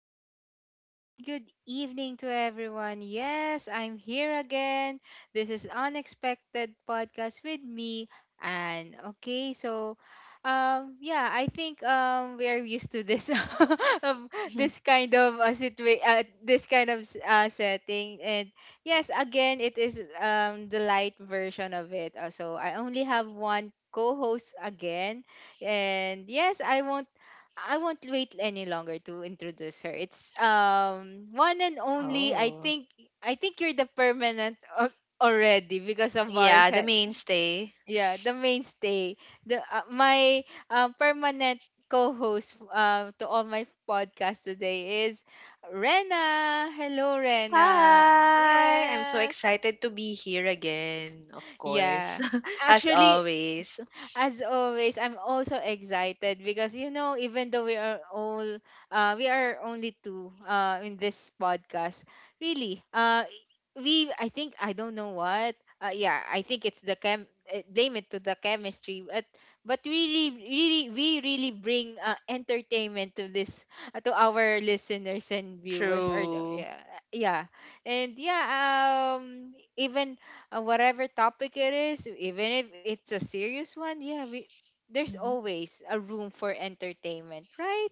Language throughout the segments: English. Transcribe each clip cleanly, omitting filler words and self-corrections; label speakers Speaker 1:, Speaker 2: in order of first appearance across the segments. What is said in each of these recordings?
Speaker 1: good afternoon, and good evening to everyone. Yes, I'm here again. This is Unexpected Podcast with me, Anne. Okay, so yeah, I think we are used to this of
Speaker 2: Mhm.
Speaker 1: this this kind of setting and yes, again it is the light version of it. So I only have one co-host again and yes, I won't wait any longer to introduce her. It's one and only. I
Speaker 2: Oh,
Speaker 1: think I think you're the permanent already because of our
Speaker 2: yeah, the mainstay.
Speaker 1: yeah, the mainstay. The my permanent co-host to all my podcast today is Rena. Hello, Rena.
Speaker 2: Hi! I'm so
Speaker 1: Yes.
Speaker 2: excited to be here again, of course,
Speaker 1: Yeah.
Speaker 2: as
Speaker 1: Actually,
Speaker 2: always.
Speaker 1: as always, I'm also excited because, you know, even though we are only two in this podcast, really, we I think I don't know what. Yeah, I think it's the chem. Blame it to the chemistry, but really, really, we really bring entertainment to this to our listeners and viewers.
Speaker 2: True.
Speaker 1: Yeah, yeah, and yeah. Even Whatever topic it is, even if it's a serious one, yeah, we there's
Speaker 2: Mhm.
Speaker 1: always a room for entertainment, right?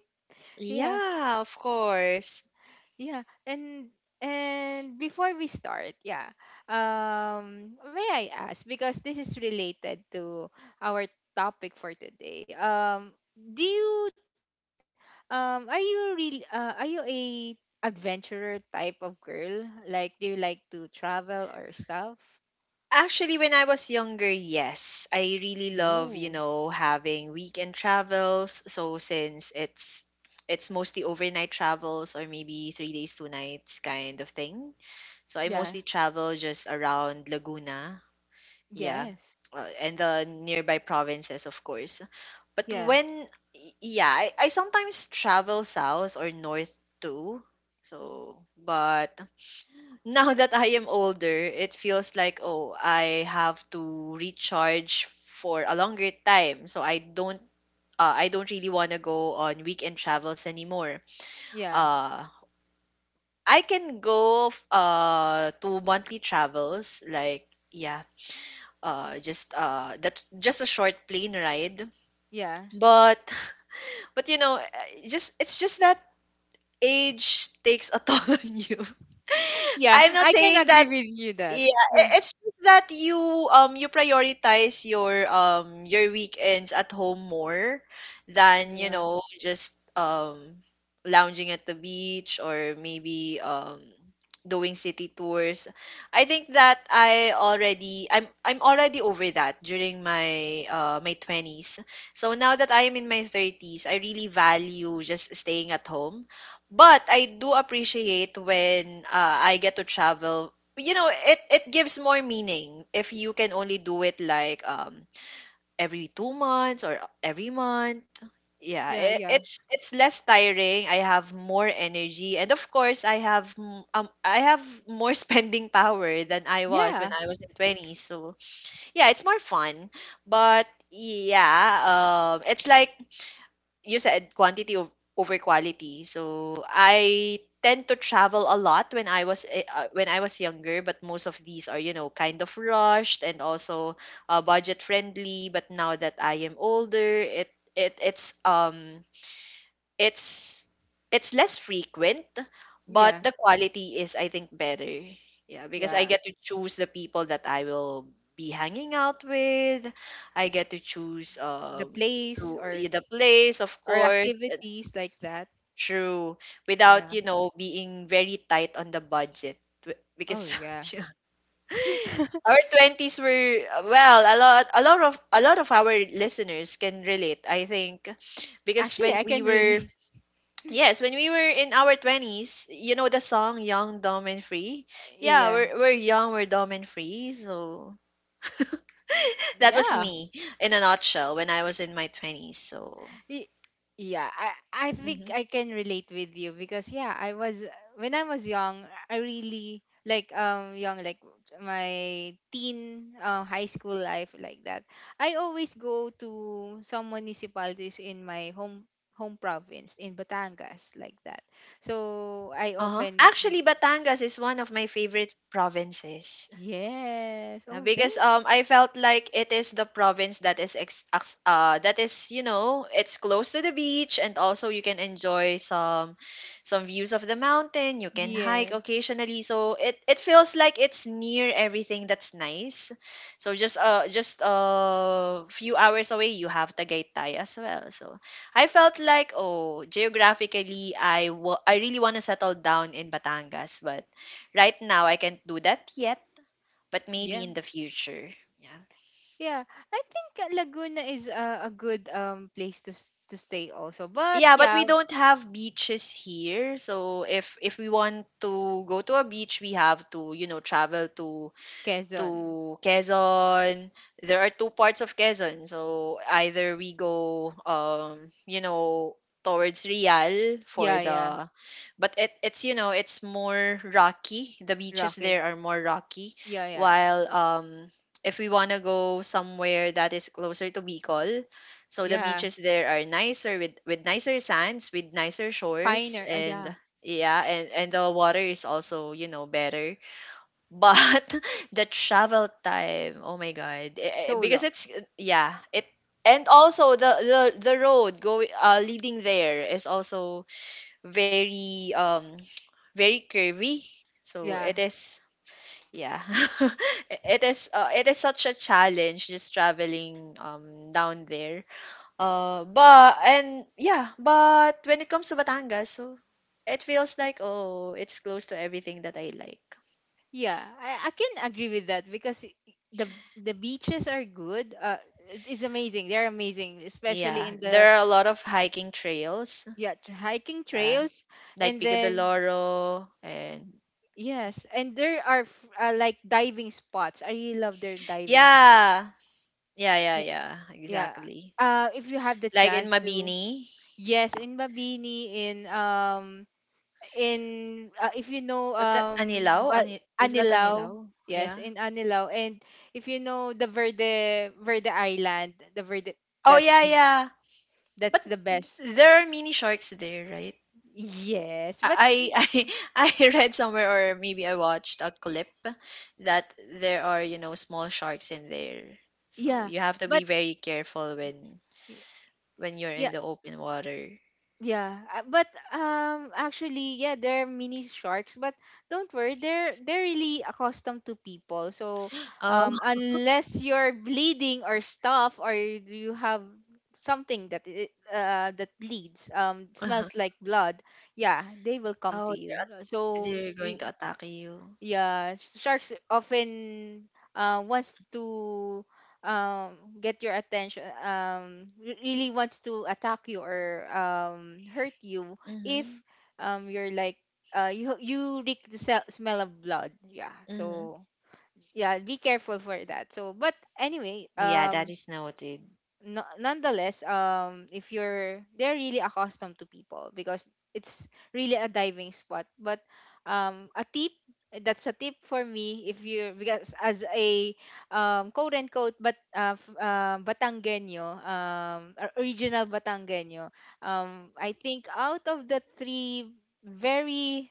Speaker 1: Yeah,
Speaker 2: Yeah, of course.
Speaker 1: yeah. And before we start, yeah, may I ask, because this is related to our topic for today. Do you Are you real are you a adventurer type of girl? Like, do you like to travel or stuff?
Speaker 2: Actually, when I was younger, yes, I really love,
Speaker 1: Ooh,
Speaker 2: having weekend travels. So since it's mostly overnight travels, or maybe 3 days, 2 nights kind of thing. So I
Speaker 1: yeah,
Speaker 2: mostly travel just around Laguna. Yeah.
Speaker 1: yes.
Speaker 2: And the nearby provinces, of course. But
Speaker 1: Yeah.
Speaker 2: when, yeah, I sometimes travel south or north too. So, but now that I am older, it feels like, oh, I have to recharge for a longer time. So I don't really want to go on weekend travels anymore.
Speaker 1: Yeah.
Speaker 2: Uh, I can go to monthly travels, like, yeah, just, that, just a short plane ride,
Speaker 1: Yeah.
Speaker 2: but just it's just that age takes a toll on you.
Speaker 1: Yeah,
Speaker 2: I'm not
Speaker 1: I can
Speaker 2: saying that.
Speaker 1: agree with you that.
Speaker 2: Yeah,
Speaker 1: Yeah.
Speaker 2: it's just that you, you prioritize your, your weekends at home more than,
Speaker 1: Yeah.
Speaker 2: just lounging at the beach, or maybe doing city tours. I think that I'm already over that during my 20s. So now that I am in my 30s, I really value just staying at home. But I do appreciate when, I get to travel. It gives more meaning if you can only do it, like, every 2 months or every month. Yeah,
Speaker 1: Yeah.
Speaker 2: it,
Speaker 1: Yeah.
Speaker 2: it's it's less tiring. I have more energy, and of course I have more spending power than I was when
Speaker 1: Yeah.
Speaker 2: I was in 20s. So yeah, it's more fun. But yeah, it's like you said, quantity over quality. So I tend to travel a lot when I was younger, but most of these are, kind of rushed, and also, budget friendly. But now that I am older, it it's it's less frequent, but
Speaker 1: Yeah.
Speaker 2: the quality is, I think, better. Yeah, because I
Speaker 1: Yeah.
Speaker 2: get to choose the people that I will be hanging out with. I get to choose,
Speaker 1: The place
Speaker 2: the place, of
Speaker 1: or
Speaker 2: course.
Speaker 1: activities like that.
Speaker 2: True. Without,
Speaker 1: Yeah.
Speaker 2: you know, being very tight on the budget.
Speaker 1: Oh
Speaker 2: Because,
Speaker 1: yeah.
Speaker 2: yeah, our twenties were, well, a lot of our listeners can relate, I think. Because
Speaker 1: Actually
Speaker 2: when
Speaker 1: I
Speaker 2: we
Speaker 1: can
Speaker 2: were
Speaker 1: really,
Speaker 2: yes, when we were in our twenties, you know the song Young, Dumb and Free? Yeah,
Speaker 1: yeah.
Speaker 2: we're young, we're dumb and free. So that was
Speaker 1: Yeah.
Speaker 2: me in a nutshell when I was in my twenties. So.
Speaker 1: Y- Yeah, I think
Speaker 2: Mhm.
Speaker 1: I can relate with you because yeah, I was when I was young, I really like young like my teen high school life like that. I always go to some municipalities in my home province in Batangas like that. So I
Speaker 2: Uh-huh.
Speaker 1: often
Speaker 2: Actually, Batangas is one of my favorite provinces.
Speaker 1: yes. Oh,
Speaker 2: Because,
Speaker 1: thank
Speaker 2: I felt like it is the province that is, it's close to the beach, and also you can enjoy some views of the mountain. You can hike
Speaker 1: yeah.
Speaker 2: occasionally, so it feels like it's near everything that's nice. So, just a few hours away, you have Tagaytay as well. So I felt like, oh, geographically, I really want to settle down in Batangas, but right now I can't do that yet, but maybe
Speaker 1: Yeah.
Speaker 2: in the future. Yeah.
Speaker 1: Yeah. I think Laguna is a good place to to stay also. But
Speaker 2: Yeah, but
Speaker 1: yeah,
Speaker 2: we don't have beaches here. So if we want to go to a beach, we have to, you know, travel to
Speaker 1: Quezon.
Speaker 2: to Quezon. There are two parts of Quezon. So either we go, towards Real, for
Speaker 1: Yeah, yeah.
Speaker 2: the but it, it's you know it's more rocky. The beaches
Speaker 1: Rocky.
Speaker 2: there are more rocky,
Speaker 1: Yeah, yeah.
Speaker 2: while if we want to go somewhere that is closer to Bicol, so the
Speaker 1: Yeah.
Speaker 2: beaches there are nicer, with nicer sands, with nicer shores,
Speaker 1: Finer.
Speaker 2: and
Speaker 1: Yeah.
Speaker 2: yeah, and the water is also, better. But the travel time, oh my god.
Speaker 1: So long.
Speaker 2: Because it's, yeah, it and also the road going, leading there is also very, very curvy. So
Speaker 1: Yeah.
Speaker 2: it is, yeah, it is such a challenge just traveling, down there. But, and yeah, but when it comes to Batangas, so it feels like, oh, it's close to everything that I like.
Speaker 1: Yeah. I can agree with that because the beaches are good. Uh, it's amazing. They're amazing, especially
Speaker 2: Yeah,
Speaker 1: in the
Speaker 2: there are a lot of hiking trails,
Speaker 1: yeah, hiking
Speaker 2: uh,
Speaker 1: trails
Speaker 2: like
Speaker 1: and
Speaker 2: Pico de
Speaker 1: then
Speaker 2: Loro, and
Speaker 1: yes, and there are like diving spots. I really love their diving spots.
Speaker 2: yeah, yeah, yeah,
Speaker 1: Yeah.
Speaker 2: yeah,
Speaker 1: Yeah.
Speaker 2: exactly.
Speaker 1: Uh, if you have the
Speaker 2: Like in
Speaker 1: chance to
Speaker 2: Mabini.
Speaker 1: yes, in Mabini, in if you know
Speaker 2: What that Anilao? Ani Is that
Speaker 1: Anilao,
Speaker 2: Anilao?
Speaker 1: yes,
Speaker 2: Yeah.
Speaker 1: in Anilao, and if you know the Verde,
Speaker 2: Oh
Speaker 1: that's
Speaker 2: yeah,
Speaker 1: the
Speaker 2: yeah.
Speaker 1: that's
Speaker 2: But
Speaker 1: the best,
Speaker 2: there are mini sharks there, right?
Speaker 1: yes but y-
Speaker 2: I I read somewhere, or maybe I watched a clip that there are, small sharks in there. So
Speaker 1: yeah
Speaker 2: you have to be
Speaker 1: but
Speaker 2: very careful when
Speaker 1: y-
Speaker 2: when you're
Speaker 1: yeah.
Speaker 2: in the open water.
Speaker 1: Yeah, but Actually yeah, there are mini sharks, but don't worry, they're really accustomed to people. So
Speaker 2: Oh.
Speaker 1: unless you're bleeding or stuff, or you have something that that bleeds,
Speaker 2: Uh-huh.
Speaker 1: smells like blood, yeah, they will come to
Speaker 2: Oh,
Speaker 1: you.
Speaker 2: they're they're going to attack you.
Speaker 1: Yeah, sharks often wants to get your attention. Really wants to attack you or hurt you if
Speaker 2: Mhm,
Speaker 1: um, you're like you reek smell of blood. Yeah,
Speaker 2: mhm.
Speaker 1: so yeah, be careful for that. But anyway,
Speaker 2: Yeah, that is noted.
Speaker 1: no, nonetheless, if you're they're really accustomed to people because it's really a diving spot. But a tip that's a tip for me. If you're, because as a quote unquote Batanggenyo, or original Batanggenyo, I think out of the three very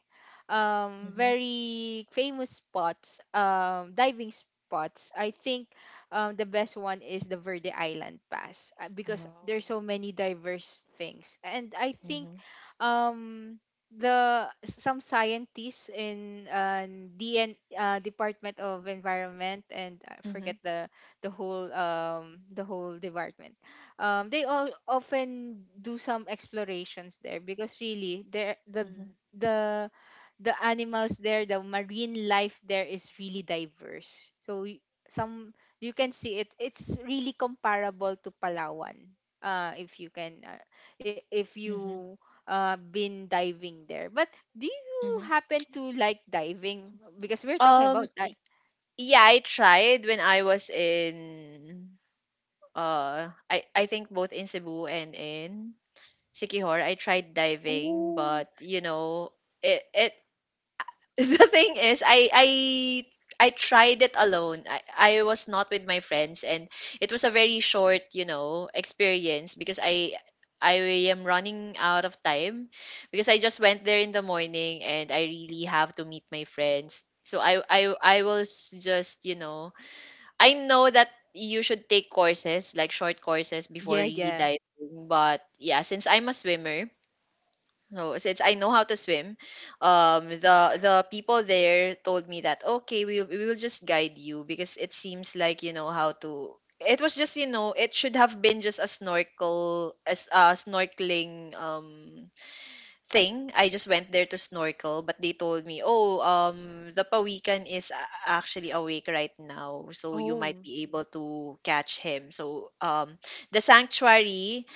Speaker 2: Mhm.
Speaker 1: very famous spots diving spots, I think the best one is the Verde Island Pass, because there's
Speaker 2: Oh.
Speaker 1: so many diverse things. And I think
Speaker 2: Mhm,
Speaker 1: um, the some scientists in DN, Department of Environment, and I forget
Speaker 2: mhm,
Speaker 1: the the whole department. They all often do some explorations there because really there
Speaker 2: mhm,
Speaker 1: the the animals there, the marine life there is really diverse. So y- some You can see it. It's really comparable to Palawan. If you can, I- if
Speaker 2: mhm,
Speaker 1: you been diving there. But do you
Speaker 2: mhm.
Speaker 1: happen to like diving? Because we're talking
Speaker 2: Um,
Speaker 1: about
Speaker 2: y- yeah, I tried when I was in, I think both in Cebu and in Sikihor. I tried diving,
Speaker 1: oh,
Speaker 2: but, you know, it the thing is, I tried it alone. I was not with my friends, and it was a very short, experience, because I am running out of time, because I just went there in the morning and I really have to meet my friends. So I was just, you know, I know that you should take courses, like short courses, before
Speaker 1: yeah,
Speaker 2: really
Speaker 1: yeah.
Speaker 2: diving, but yeah, since I'm a swimmer, no, since I know how to swim, the people there told me that, okay, we will just guide you because it seems like you know how to. It was just, it should have been just, a snorkeling, thing. I just went there to snorkel, but they told me, oh, the pawikan is, actually awake right now, so you might
Speaker 1: Oh,
Speaker 2: be able to catch him. So, the sanctuary,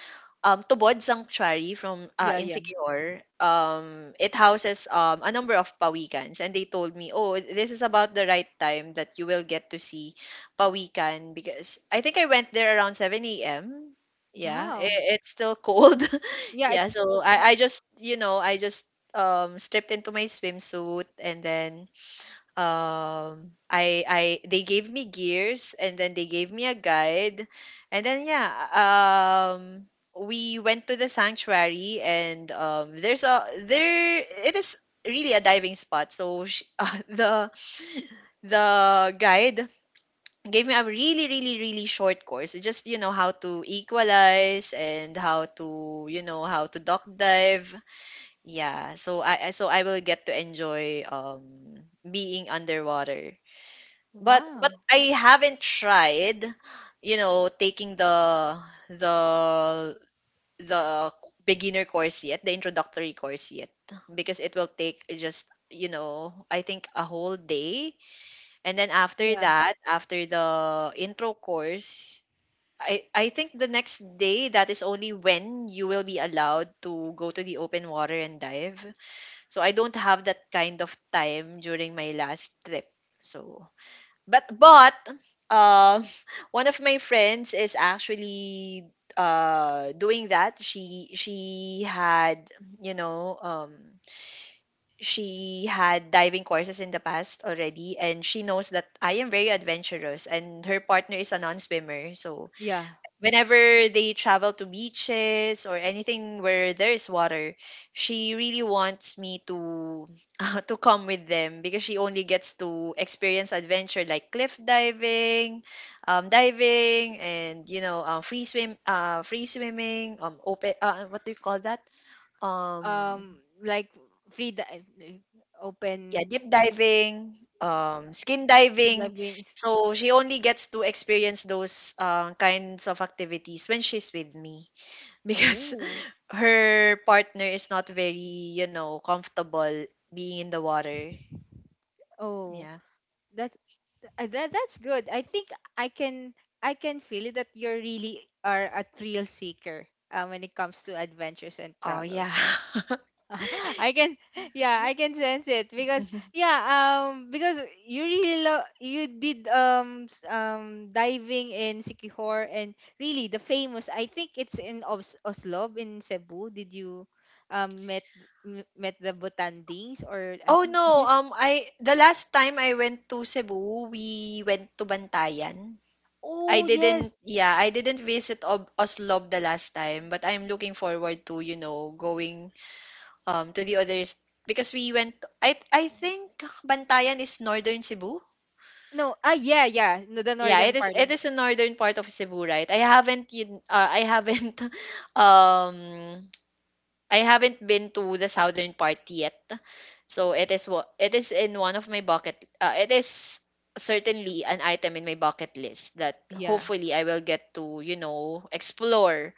Speaker 2: Tubod Sanctuary from,
Speaker 1: yeah, yeah.
Speaker 2: Insecure, it houses, a number of pawikans. And they told me, oh, this is about the right time that you will get to see pawikan. Because I think I went there around 7 a.m. Yeah,
Speaker 1: Wow.
Speaker 2: it's still cold.
Speaker 1: Yeah,
Speaker 2: Yeah, so
Speaker 1: the,
Speaker 2: I just stripped into my swimsuit. And then, I they gave me gears, and then they gave me a guide. And then, yeah, um we went to the sanctuary. And, there, it is really a diving spot, so sh the guide gave me a really, really, really short course, just, how to equalize, and how to duck dive. Yeah, so so I will get to enjoy, being underwater. But
Speaker 1: wow.
Speaker 2: I haven't tried, taking the the beginner course yet, the introductory course yet, because it will take, just, I think, a whole day, and then after
Speaker 1: Yeah,
Speaker 2: that, after the intro course, I think the next day, that is only when you will be allowed to go to the open water and dive. So I don't have that kind of time during my last trip. So, but uh, one of my friends is actually, doing that. She she had you know um she had diving courses in the past already, and she knows that I am very adventurous, and her partner is a non-swimmer. So
Speaker 1: yeah.
Speaker 2: whenever they travel to beaches or anything where there is water, she really wants me to to come with them, because she only gets to experience adventure, like cliff diving, diving, and, free swimming, open, what do you call that? Um,
Speaker 1: Um, like free di- like,
Speaker 2: yeah,
Speaker 1: Open
Speaker 2: deep diving, skin diving.
Speaker 1: Lebanese.
Speaker 2: So she only gets to experience those, kinds of activities when she's with me, because
Speaker 1: Oh,
Speaker 2: her partner is not very, comfortable being in the water.
Speaker 1: oh,
Speaker 2: Yeah.
Speaker 1: that that that's good. I think I can I can feel it that you really are a thrill seeker when it comes to adventures and
Speaker 2: Oh yeah.
Speaker 1: travels, right? I can, yeah, I can sense it because yeah, because you really love you did diving in Sikihor, and really the famous, I think it's in Oslo in Cebu. Did you um met met the Butandings, or I
Speaker 2: Oh
Speaker 1: think
Speaker 2: no,
Speaker 1: is it
Speaker 2: I the last time I went to Cebu, we went to Bantayan. I
Speaker 1: oh
Speaker 2: didn't
Speaker 1: yes.
Speaker 2: yeah, I didn't visit Oslob the last time, but I'm looking forward to, going to the others, because we went I think Bantayan is northern Cebu.
Speaker 1: No, yeah, yeah, no, the
Speaker 2: Yeah, it
Speaker 1: northern
Speaker 2: is
Speaker 1: part
Speaker 2: it
Speaker 1: of,
Speaker 2: is a northern part of Cebu, right? I haven't um I haven't been to the southern part yet. So it is what it is. In one of my bucket It is certainly an item in my bucket list that
Speaker 1: yeah,
Speaker 2: hopefully I will get to, explore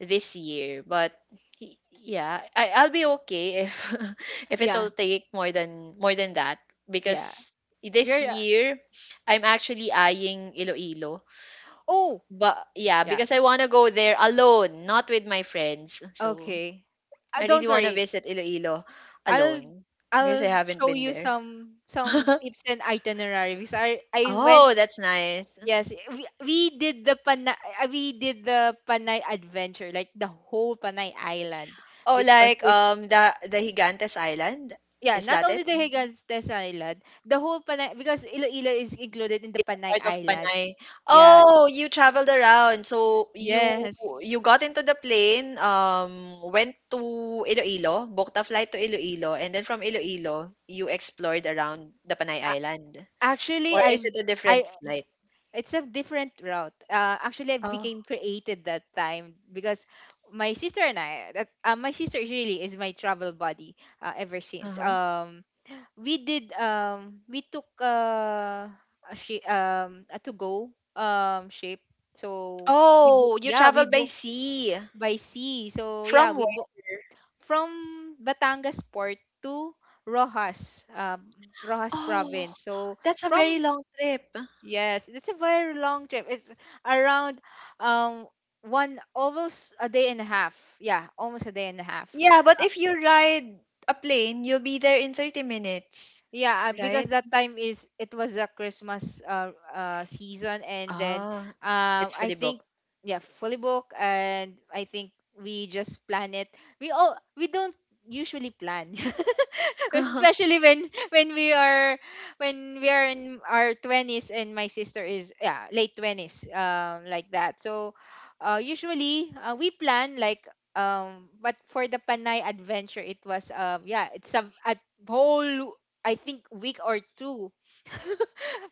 Speaker 2: this year. But yeah, I'll be okay if if
Speaker 1: yeah,
Speaker 2: it'll take more than that,
Speaker 1: yeah.
Speaker 2: because this
Speaker 1: You're, uh,
Speaker 2: year I'm actually eyeing Iloilo,
Speaker 1: oh,
Speaker 2: but yeah,
Speaker 1: yeah,
Speaker 2: because I want to go there alone, not with my friends. So
Speaker 1: okay.
Speaker 2: I really
Speaker 1: Don't
Speaker 2: want to
Speaker 1: worry,
Speaker 2: visit Iloilo
Speaker 1: I'll,
Speaker 2: alone, because I
Speaker 1: I'll
Speaker 2: haven't
Speaker 1: show
Speaker 2: been
Speaker 1: you
Speaker 2: there.
Speaker 1: some tips and itinerary because I went.
Speaker 2: Oh, that's nice.
Speaker 1: Yes, we did the Panay, we did the Panay adventure, like the whole Panay Island,
Speaker 2: Oh,
Speaker 1: which
Speaker 2: like
Speaker 1: consists
Speaker 2: the Higantes Island.
Speaker 1: yeah,
Speaker 2: Is
Speaker 1: not
Speaker 2: that
Speaker 1: only
Speaker 2: it?
Speaker 1: the Higantes Island, the whole Panay, because Iloilo is included in the
Speaker 2: It's a
Speaker 1: Panay
Speaker 2: part of
Speaker 1: Island.
Speaker 2: Panay.
Speaker 1: Yeah,
Speaker 2: Oh, you traveled around. So you
Speaker 1: yes.
Speaker 2: you got into the plane, went to Iloilo, booked a flight to Iloilo, and then from Iloilo, you explored around the Panay
Speaker 1: A-
Speaker 2: Island.
Speaker 1: Actually,
Speaker 2: Or is it a
Speaker 1: I
Speaker 2: different flight?
Speaker 1: it's a different route. Actually, I
Speaker 2: Oh,
Speaker 1: became created that time because my sister and I that my sister is really is my travel buddy ever since.
Speaker 2: uh-huh.
Speaker 1: We did we took a shi a to go ship. So we book
Speaker 2: Oh, you
Speaker 1: yeah we
Speaker 2: traveled by
Speaker 1: book
Speaker 2: sea.
Speaker 1: by sea. So yeah,
Speaker 2: From
Speaker 1: we
Speaker 2: where?
Speaker 1: book from Batangas Port to Rojas, Rojas
Speaker 2: Oh,
Speaker 1: Province. So
Speaker 2: that's a
Speaker 1: from
Speaker 2: very long trip.
Speaker 1: yes, it's a very long trip. It's around um one almost a day and a half. Yeah, almost a day and a half.
Speaker 2: Yeah, but if you ride a plane, you'll be there in 30 minutes,
Speaker 1: Yeah, because
Speaker 2: right?
Speaker 1: that time is it was a Christmas season, and then
Speaker 2: Ah, it's
Speaker 1: I
Speaker 2: fully
Speaker 1: think,
Speaker 2: booked.
Speaker 1: yeah, fully booked, and I think we just plan it. We don't usually plan.
Speaker 2: Uh-huh.
Speaker 1: Especially when we are in our 20s, and my sister is yeah, late 20s like that. So usually we plan like but for the Panay adventure, it was yeah, it's a whole, I think, week or two,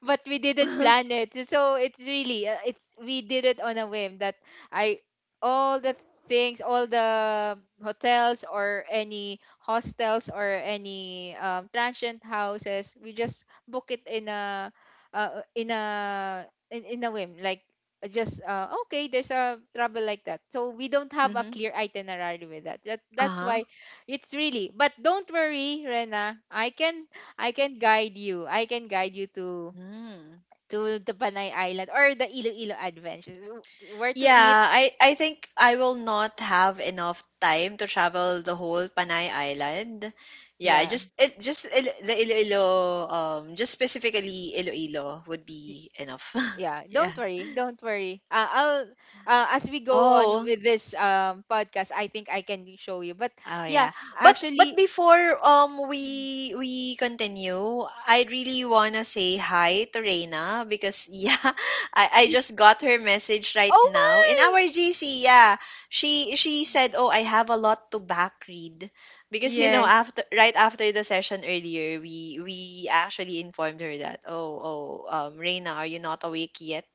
Speaker 1: but we didn't
Speaker 2: Uh-huh.
Speaker 1: plan it. So it's really it's we did it on a whim. That I all the things, all the hotels or any hostels or any transient houses, we just book it in a in a whim, like just okay, there's a trouble like that, so we don't have a
Speaker 2: Mm-hmm.
Speaker 1: clear itinerary with that. That's
Speaker 2: Uh-huh.
Speaker 1: why it's really, but don't worry, Rena, I can guide you. I can guide you
Speaker 2: Mm.
Speaker 1: to the Panay Island or the Iloilo Adventures. Where to eat?
Speaker 2: Yeah, I think I will not have enough time to travel the whole Panay Island. Yeah,
Speaker 1: Yeah.
Speaker 2: just it just the Iloilo just specifically Iloilo would
Speaker 1: Y-
Speaker 2: be enough.
Speaker 1: Yeah,
Speaker 2: Yeah.
Speaker 1: don't worry, don't worry. I'll, as we go on
Speaker 2: Oh.
Speaker 1: with this podcast, I think I can show you. But
Speaker 2: Oh
Speaker 1: yeah,
Speaker 2: yeah. But
Speaker 1: actually,
Speaker 2: before we continue, I really wanna say hi to Reina, because yeah, I just got her message right
Speaker 1: oh
Speaker 2: now. In
Speaker 1: my,
Speaker 2: our GC, yeah. She said, oh, I have a lot to back read. Because you know,
Speaker 1: yes,
Speaker 2: after right after the session earlier, we actually informed her that, Reina, are you not awake yet?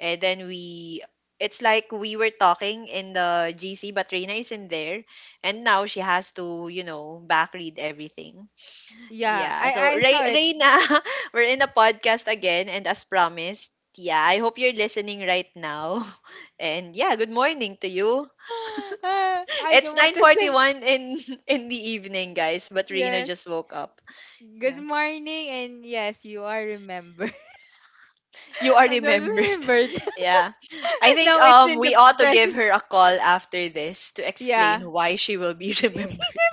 Speaker 2: And then we, it's like we were talking in the GC, but Reina is in there and now she has to, you know, back read everything.
Speaker 1: yeah,
Speaker 2: Yeah. So
Speaker 1: I
Speaker 2: Ray
Speaker 1: saw it.
Speaker 2: Reyna, we're in a podcast again and as promised, yeah, I hope you're listening right now. And yeah, good morning to you.
Speaker 1: Ah, I
Speaker 2: It's
Speaker 1: don't want to say
Speaker 2: 9:41 in in the evening, guys, but Reina
Speaker 1: yes.
Speaker 2: just woke up.
Speaker 1: Good
Speaker 2: Yeah.
Speaker 1: morning, and yes, you are remembered.
Speaker 2: You are
Speaker 1: I'm just
Speaker 2: remembered.
Speaker 1: remembered.
Speaker 2: Yeah. I think
Speaker 1: Now it's in the
Speaker 2: we ought to give
Speaker 1: present.
Speaker 2: her a call after this to
Speaker 1: Yeah,
Speaker 2: explain why she will be remembered.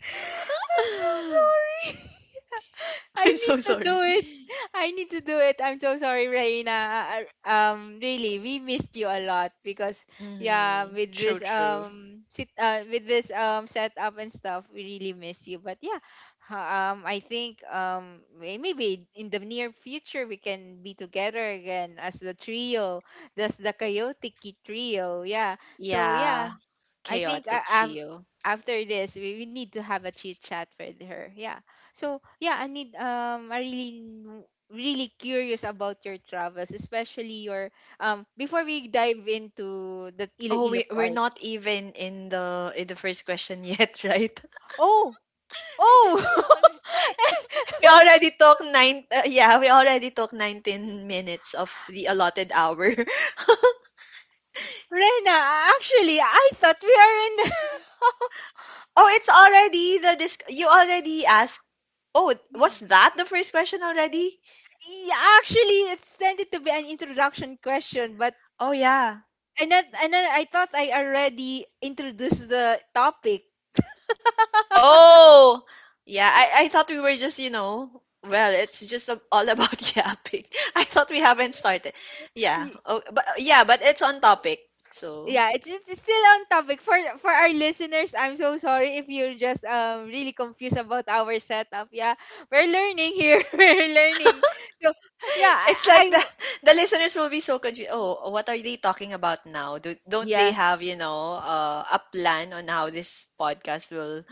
Speaker 1: I'm so sorry. I
Speaker 2: I'm so
Speaker 1: need to do
Speaker 2: sorry.
Speaker 1: it. I need to do it. I'm so sorry, Raina. Really, we missed you a lot because yeah,
Speaker 2: Mhm.
Speaker 1: with this
Speaker 2: True, true.
Speaker 1: sit with this setup and stuff, we really miss you. But yeah, I think maybe in the near future we can be together again as the trio, that's the chaotic trio. Yeah. So yeah,
Speaker 2: Yeah.
Speaker 1: I think
Speaker 2: Chaotic
Speaker 1: I've,
Speaker 2: trio.
Speaker 1: after this we need to have a chit chat with her. Yeah. So yeah, I need I really n- really curious about your travels, especially your before we dive into the
Speaker 2: Oh,
Speaker 1: Iloilo
Speaker 2: we're
Speaker 1: part.
Speaker 2: not even in the first question yet, right?
Speaker 1: Oh,
Speaker 2: And yet we
Speaker 1: oh,
Speaker 2: already, we already took 19 minutes of the allotted hour.
Speaker 1: Rena, actually I thought we are in the
Speaker 2: Oh, it's already the disc. You already asked. Oh, was that the first question already?
Speaker 1: yeah, actually it's tended to be an introduction question, but
Speaker 2: Oh yeah.
Speaker 1: not, I thought I already introduced the topic.
Speaker 2: Oh, yeah. I thought we were just, you know, well, it's just all about yapping. I thought we haven't started. Yeah. Oh, but yeah, but it's on topic. So
Speaker 1: Yeah, it's still on topic for our listeners. I'm so sorry if you're just really confused about our setup. Yeah, we're learning here. We're learning. So yeah,
Speaker 2: it's like
Speaker 1: I
Speaker 2: that. The listeners will be so confused. Oh, what are they talking about now? Don't they
Speaker 1: yeah,
Speaker 2: have, you know, a plan on how this podcast will?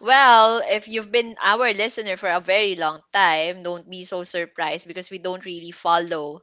Speaker 2: Well, if you've been our listener for a very long time, don't be so surprised because we don't really follow,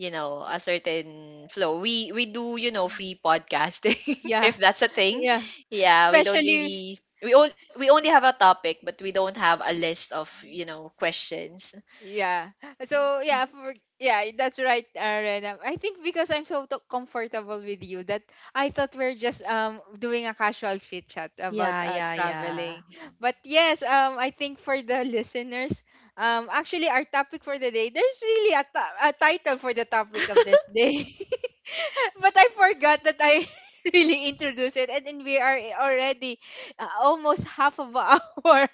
Speaker 2: you know, a certain flow. We do, you know, free podcasting,
Speaker 1: yeah,
Speaker 2: if that's a thing.
Speaker 1: yeah.
Speaker 2: Yeah, we don't
Speaker 1: Especially
Speaker 2: really we, on, we only have a topic but we don't have a list of, you know, questions.
Speaker 1: yeah. So yeah, for yeah, that's right, Rena. I think because I'm so comfortable with you that I thought we're just doing a casual chit chat about
Speaker 2: Yeah yeah yeah.
Speaker 1: traveling. But yes, I think for the listeners, actually our topic for the day, there's really a title for the topic of this day. But I forgot that I really introduced it, and then we are already almost half of an hour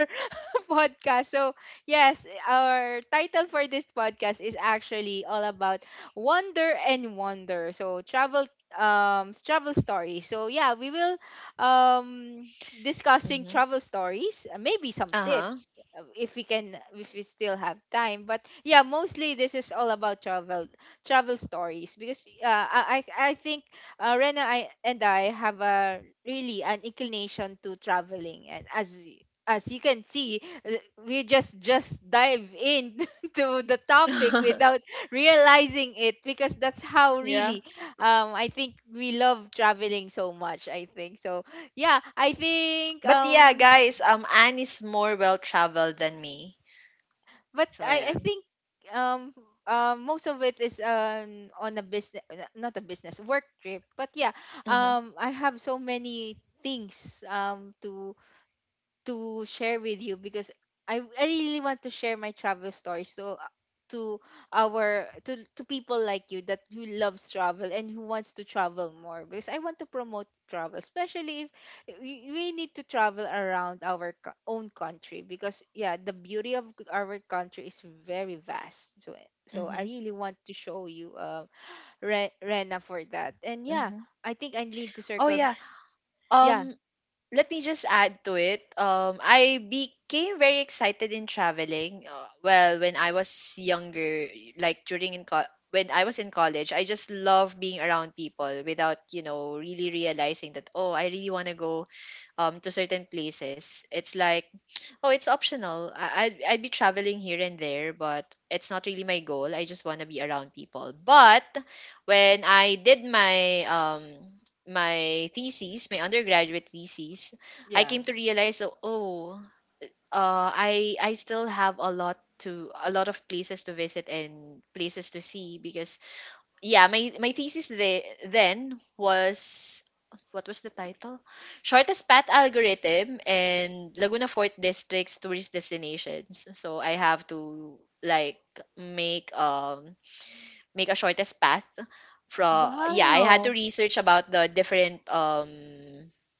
Speaker 1: podcast. So, yes, our title for this podcast is actually all about wonder and wonder. So, travel travel stories. So, yeah, we will discussing
Speaker 2: Mm-hmm.
Speaker 1: travel stories, maybe some
Speaker 2: Uh-huh.
Speaker 1: tips if we still have time. But yeah, mostly this is all about travel stories because I think Rena I, and I have a really an inclination to traveling, and as as you can see, uh, we just dive in to the topic without realizing it, because that's how
Speaker 2: Yeah.
Speaker 1: really, I think, we love traveling so much. I think so. Yeah, I think
Speaker 2: But yeah, guys, Anne is more well traveled than me,
Speaker 1: but
Speaker 2: so
Speaker 1: I I
Speaker 2: yeah.
Speaker 1: think um most of it is on a business not a business work trip. But yeah,
Speaker 2: Mm-hmm.
Speaker 1: I have so many things to share with you, because I really want to share my travel story. So to to people like you that who loves travel and who wants to travel more, because I want to promote travel, especially if we need to travel around our own country, because yeah, the beauty of our country is very vast. So, so I
Speaker 2: Mm-hmm.
Speaker 1: really want to show you, Rena, for that. And yeah,
Speaker 2: Mm-hmm.
Speaker 1: I think I need to
Speaker 2: Oh
Speaker 1: circle.
Speaker 2: yeah.
Speaker 1: Yeah.
Speaker 2: um Let me just add to it. I became very excited in traveling. Well, when I was younger, like when I was in college, I just love being around people without, you know, really realizing that oh, I really want to go to certain places. It's like, oh, it's optional. I'd be traveling here and there, but it's not really my goal. I just want to be around people. But when I did my my thesis, my undergraduate thesis, I
Speaker 1: Yeah.
Speaker 2: came to realize that oh, I still have a lot of places to visit and places to see, because yeah, my thesis then was, what was the title? Shortest path algorithm and Laguna Fort District's tourist destinations. So I have to, like, make um make a shortest path from, yeah, I had
Speaker 1: Wow.
Speaker 2: to research about the different um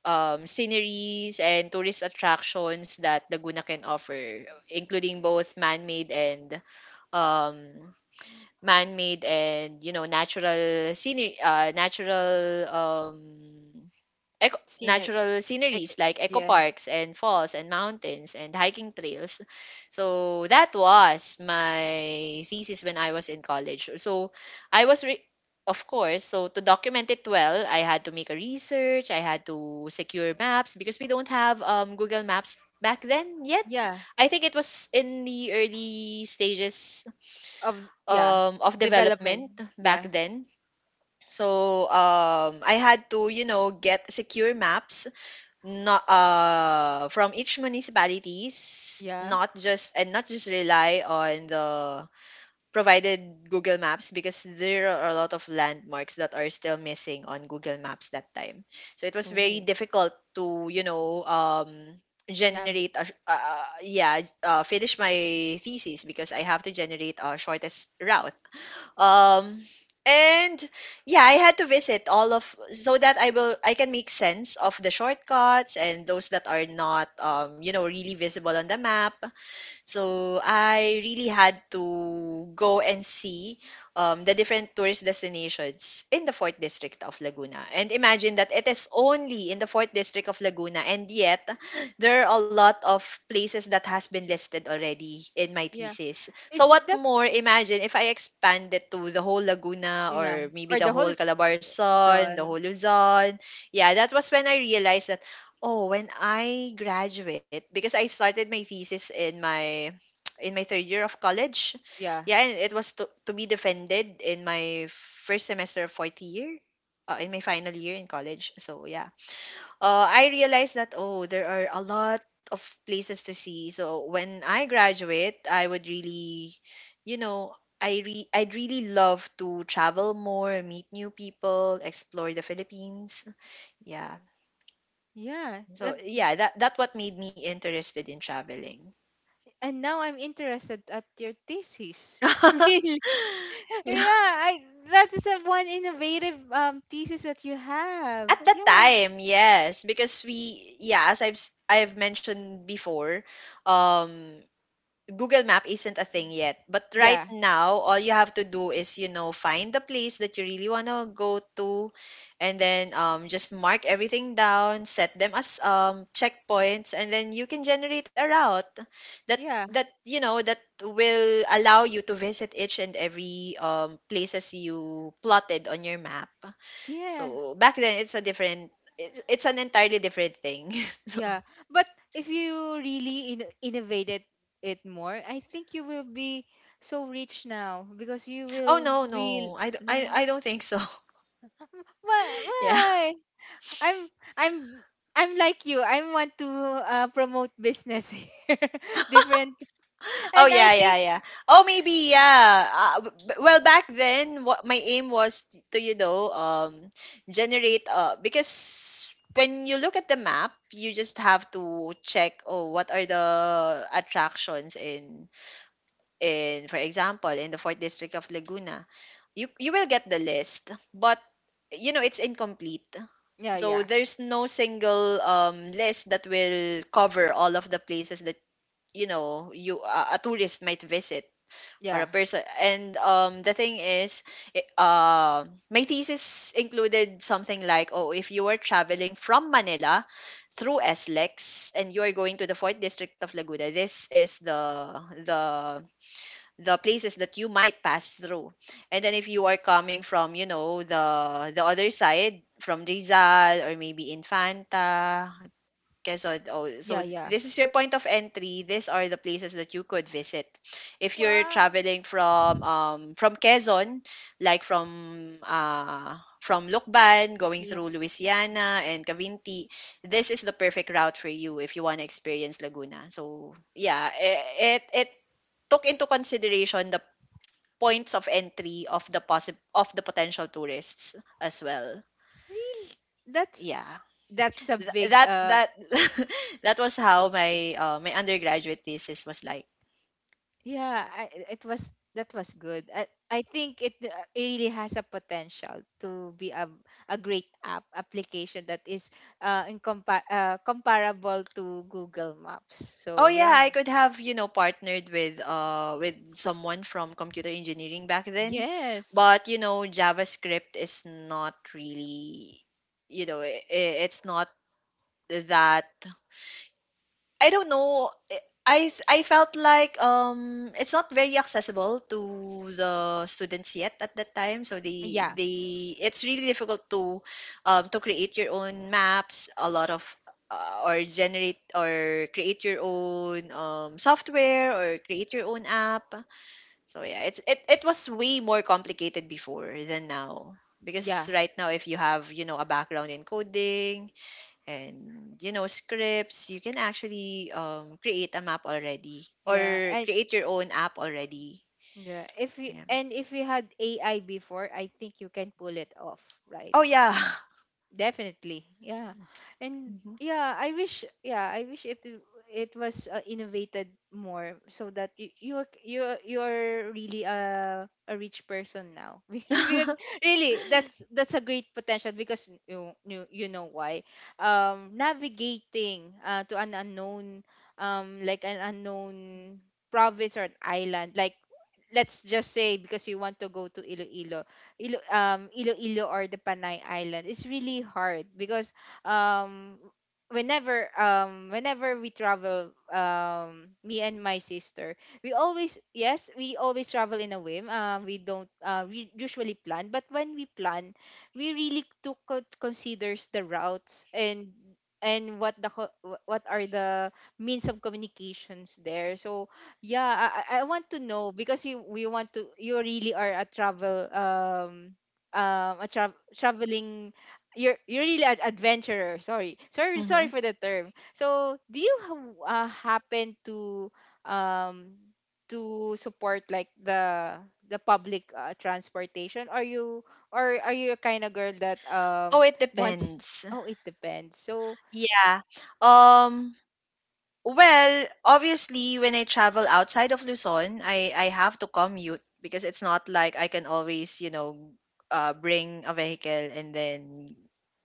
Speaker 2: um, sceneries and tourist attractions that Laguna can offer, including both man-made and um, man-made and you know, natural scenery natural
Speaker 1: Scenery.
Speaker 2: natural
Speaker 1: Ec-
Speaker 2: sceneries like eco
Speaker 1: yeah.
Speaker 2: parks and falls and mountains and hiking trails. So that was my thesis when I was in college. I was re- of course, so to document it well, I had to make a research. I had to secure maps because we don't have, Google Maps back then yet.
Speaker 1: Yeah.
Speaker 2: I think it was in the early stages
Speaker 1: Of yeah.
Speaker 2: of
Speaker 1: Development.
Speaker 2: development back
Speaker 1: Yeah.
Speaker 2: then. So I had to, you know, get secure maps, not from each municipalities,
Speaker 1: Yeah.
Speaker 2: not just rely on the provided Google Maps, because there are a lot of landmarks that are still missing on Google Maps that time. So it was very
Speaker 1: Oh.
Speaker 2: difficult to, you know, generate
Speaker 1: Navi.
Speaker 2: a, sh- yeah, finish my thesis, because I have to generate a shortest route, um, and yeah, I had to visit all of so that I can make sense of the shortcuts and those that are not, you know, really visible on the map. So I really had to go and see the different tourist destinations in the fourth district of Laguna. And imagine that it is only in the fourth district of Laguna, and yet there are a lot of places that has been listed already in my
Speaker 1: Yeah.
Speaker 2: thesis. So
Speaker 1: It's
Speaker 2: what
Speaker 1: the,
Speaker 2: more? Imagine if I expand it to the whole Laguna,
Speaker 1: yeah.
Speaker 2: or
Speaker 1: Or
Speaker 2: maybe
Speaker 1: the
Speaker 2: the
Speaker 1: whole
Speaker 2: whole Calabarzon, the
Speaker 1: done.
Speaker 2: whole Luzon. Yeah, that was when I realized that oh, when I graduate, because I started my thesis in my in my third year of college.
Speaker 1: Yeah.
Speaker 2: Yeah, and it was to be defended in my first semester of fourth year, in my final year in college. So yeah, I realized that oh, there are a lot of places to see. So when I graduate, I would really, you know, I'd really love to travel more, meet new people, explore the Philippines. Yeah,
Speaker 1: Yeah.
Speaker 2: so,
Speaker 1: That,
Speaker 2: yeah, that that what made me interested in traveling.
Speaker 1: and now I'm interested at your thesis.
Speaker 2: Yeah.
Speaker 1: Really? Yeah. I That is a one innovative thesis that you have.
Speaker 2: At that
Speaker 1: Yeah.
Speaker 2: time, yes, because as I've mentioned before, um Google Map isn't a thing yet. But right
Speaker 1: Yeah.
Speaker 2: now, all you have to do is, you know, find the place that you really want to go to and then, just mark everything down, set them as, checkpoints, and then you can generate a route that,
Speaker 1: Yeah.
Speaker 2: that, you know, that will allow you to visit each and every, places you plotted on your map.
Speaker 1: Yeah.
Speaker 2: So back then, it's an entirely different thing.
Speaker 1: Yeah, but if you really innovated it more, I think you will be so rich now, because you
Speaker 2: Oh,
Speaker 1: will
Speaker 2: no,
Speaker 1: real
Speaker 2: no,
Speaker 1: no.
Speaker 2: I don't think so.
Speaker 1: Why?
Speaker 2: Yeah.
Speaker 1: Why? I'm I'm I'm like you. I want to promote business here, different,
Speaker 2: Oh
Speaker 1: and
Speaker 2: yeah,
Speaker 1: I
Speaker 2: yeah,
Speaker 1: think
Speaker 2: yeah. Oh maybe yeah. Well, back then, what my aim was to, you know, generate because when you look at the map, you just have to check oh what are the attractions in, for example in the fourth district of Laguna, you will get the list, but you know it's incomplete.
Speaker 1: yeah,
Speaker 2: So
Speaker 1: yeah,
Speaker 2: there's no single, list that will cover all of the places that you know you a tourist might visit, or
Speaker 1: yeah,
Speaker 2: a person. And the thing is it, uh, my thesis included something like oh if you were traveling from Manila through SLEX and you are going to the fourth district of Laguna, this is the the the places that you might pass through. And then if you are coming from, you know, the other side from Rizal or maybe Infanta, Quezon. Oh,
Speaker 1: yeah,
Speaker 2: so
Speaker 1: yeah.
Speaker 2: this is your point of entry. These are the places that you could visit. If you're
Speaker 1: Wow.
Speaker 2: traveling from Quezon, like from Lucban, going
Speaker 1: Look,
Speaker 2: through Louisiana and Cavinti, this is the perfect route for you if you want to experience Laguna. So, yeah, it took into consideration the points of entry of the of the potential tourists as well.
Speaker 1: really, that's
Speaker 2: Yeah.
Speaker 1: that's a big uh.
Speaker 2: That that was how my my undergraduate thesis was like.
Speaker 1: Yeah, it was that was good. I think it really has a potential to be a great application that is comparable to Google Maps.
Speaker 2: Oh
Speaker 1: So
Speaker 2: yeah,
Speaker 1: yeah,
Speaker 2: I could have, you know, partnered with someone from computer engineering back then,
Speaker 1: yes,
Speaker 2: but you know JavaScript is not really, you know, it's not that, I don't know. Eh, I felt like it's not very accessible to the students yet at that time. So
Speaker 1: yeah,
Speaker 2: they, it's really difficult to create your own maps, a lot of or generate or create your own software or create your own app. So yeah, it was way more complicated before than now
Speaker 1: yeah,
Speaker 2: because right now if you have, you know, a background in coding, and you know scripts you can actually create a map already
Speaker 1: yeah,
Speaker 2: or
Speaker 1: and
Speaker 2: create your own app already.
Speaker 1: yeah. If you,
Speaker 2: Yeah.
Speaker 1: and if you had AI before, I think you can pull it off, right?
Speaker 2: Oh yeah.
Speaker 1: Definitely. Yeah. And
Speaker 2: Hmm.
Speaker 1: yeah, I wish, yeah, I wish it was, innovated more, so that you are really a rich person now. Because really, that's a great potential, because you, you know why. Navigating, to an unknown, like an unknown province or an island, like, let's just say, because you want to go to Iloilo, Iloilo, or the Panay Island, it's really hard, because um, whenever we travel, me and my sister, we always, yes, we always travel in a whim. We don't we usually plan, but when we plan, we really took considers the routes and and what the co- what are the means of communications there. So yeah, I want to know, because you we want to, you really are a travel, traveling, you're really an adventurer. Sorry, sorry, sorry for the term. So do you happen um to support like the public, transportation? Are you, or are you a kind of girl that
Speaker 2: Oh, it
Speaker 1: wants?
Speaker 2: depends.
Speaker 1: Oh, it depends. So
Speaker 2: Yeah. um Well, obviously, when I travel outside of Luzon, I have to commute because it's not like I can always, you know, bring a vehicle and then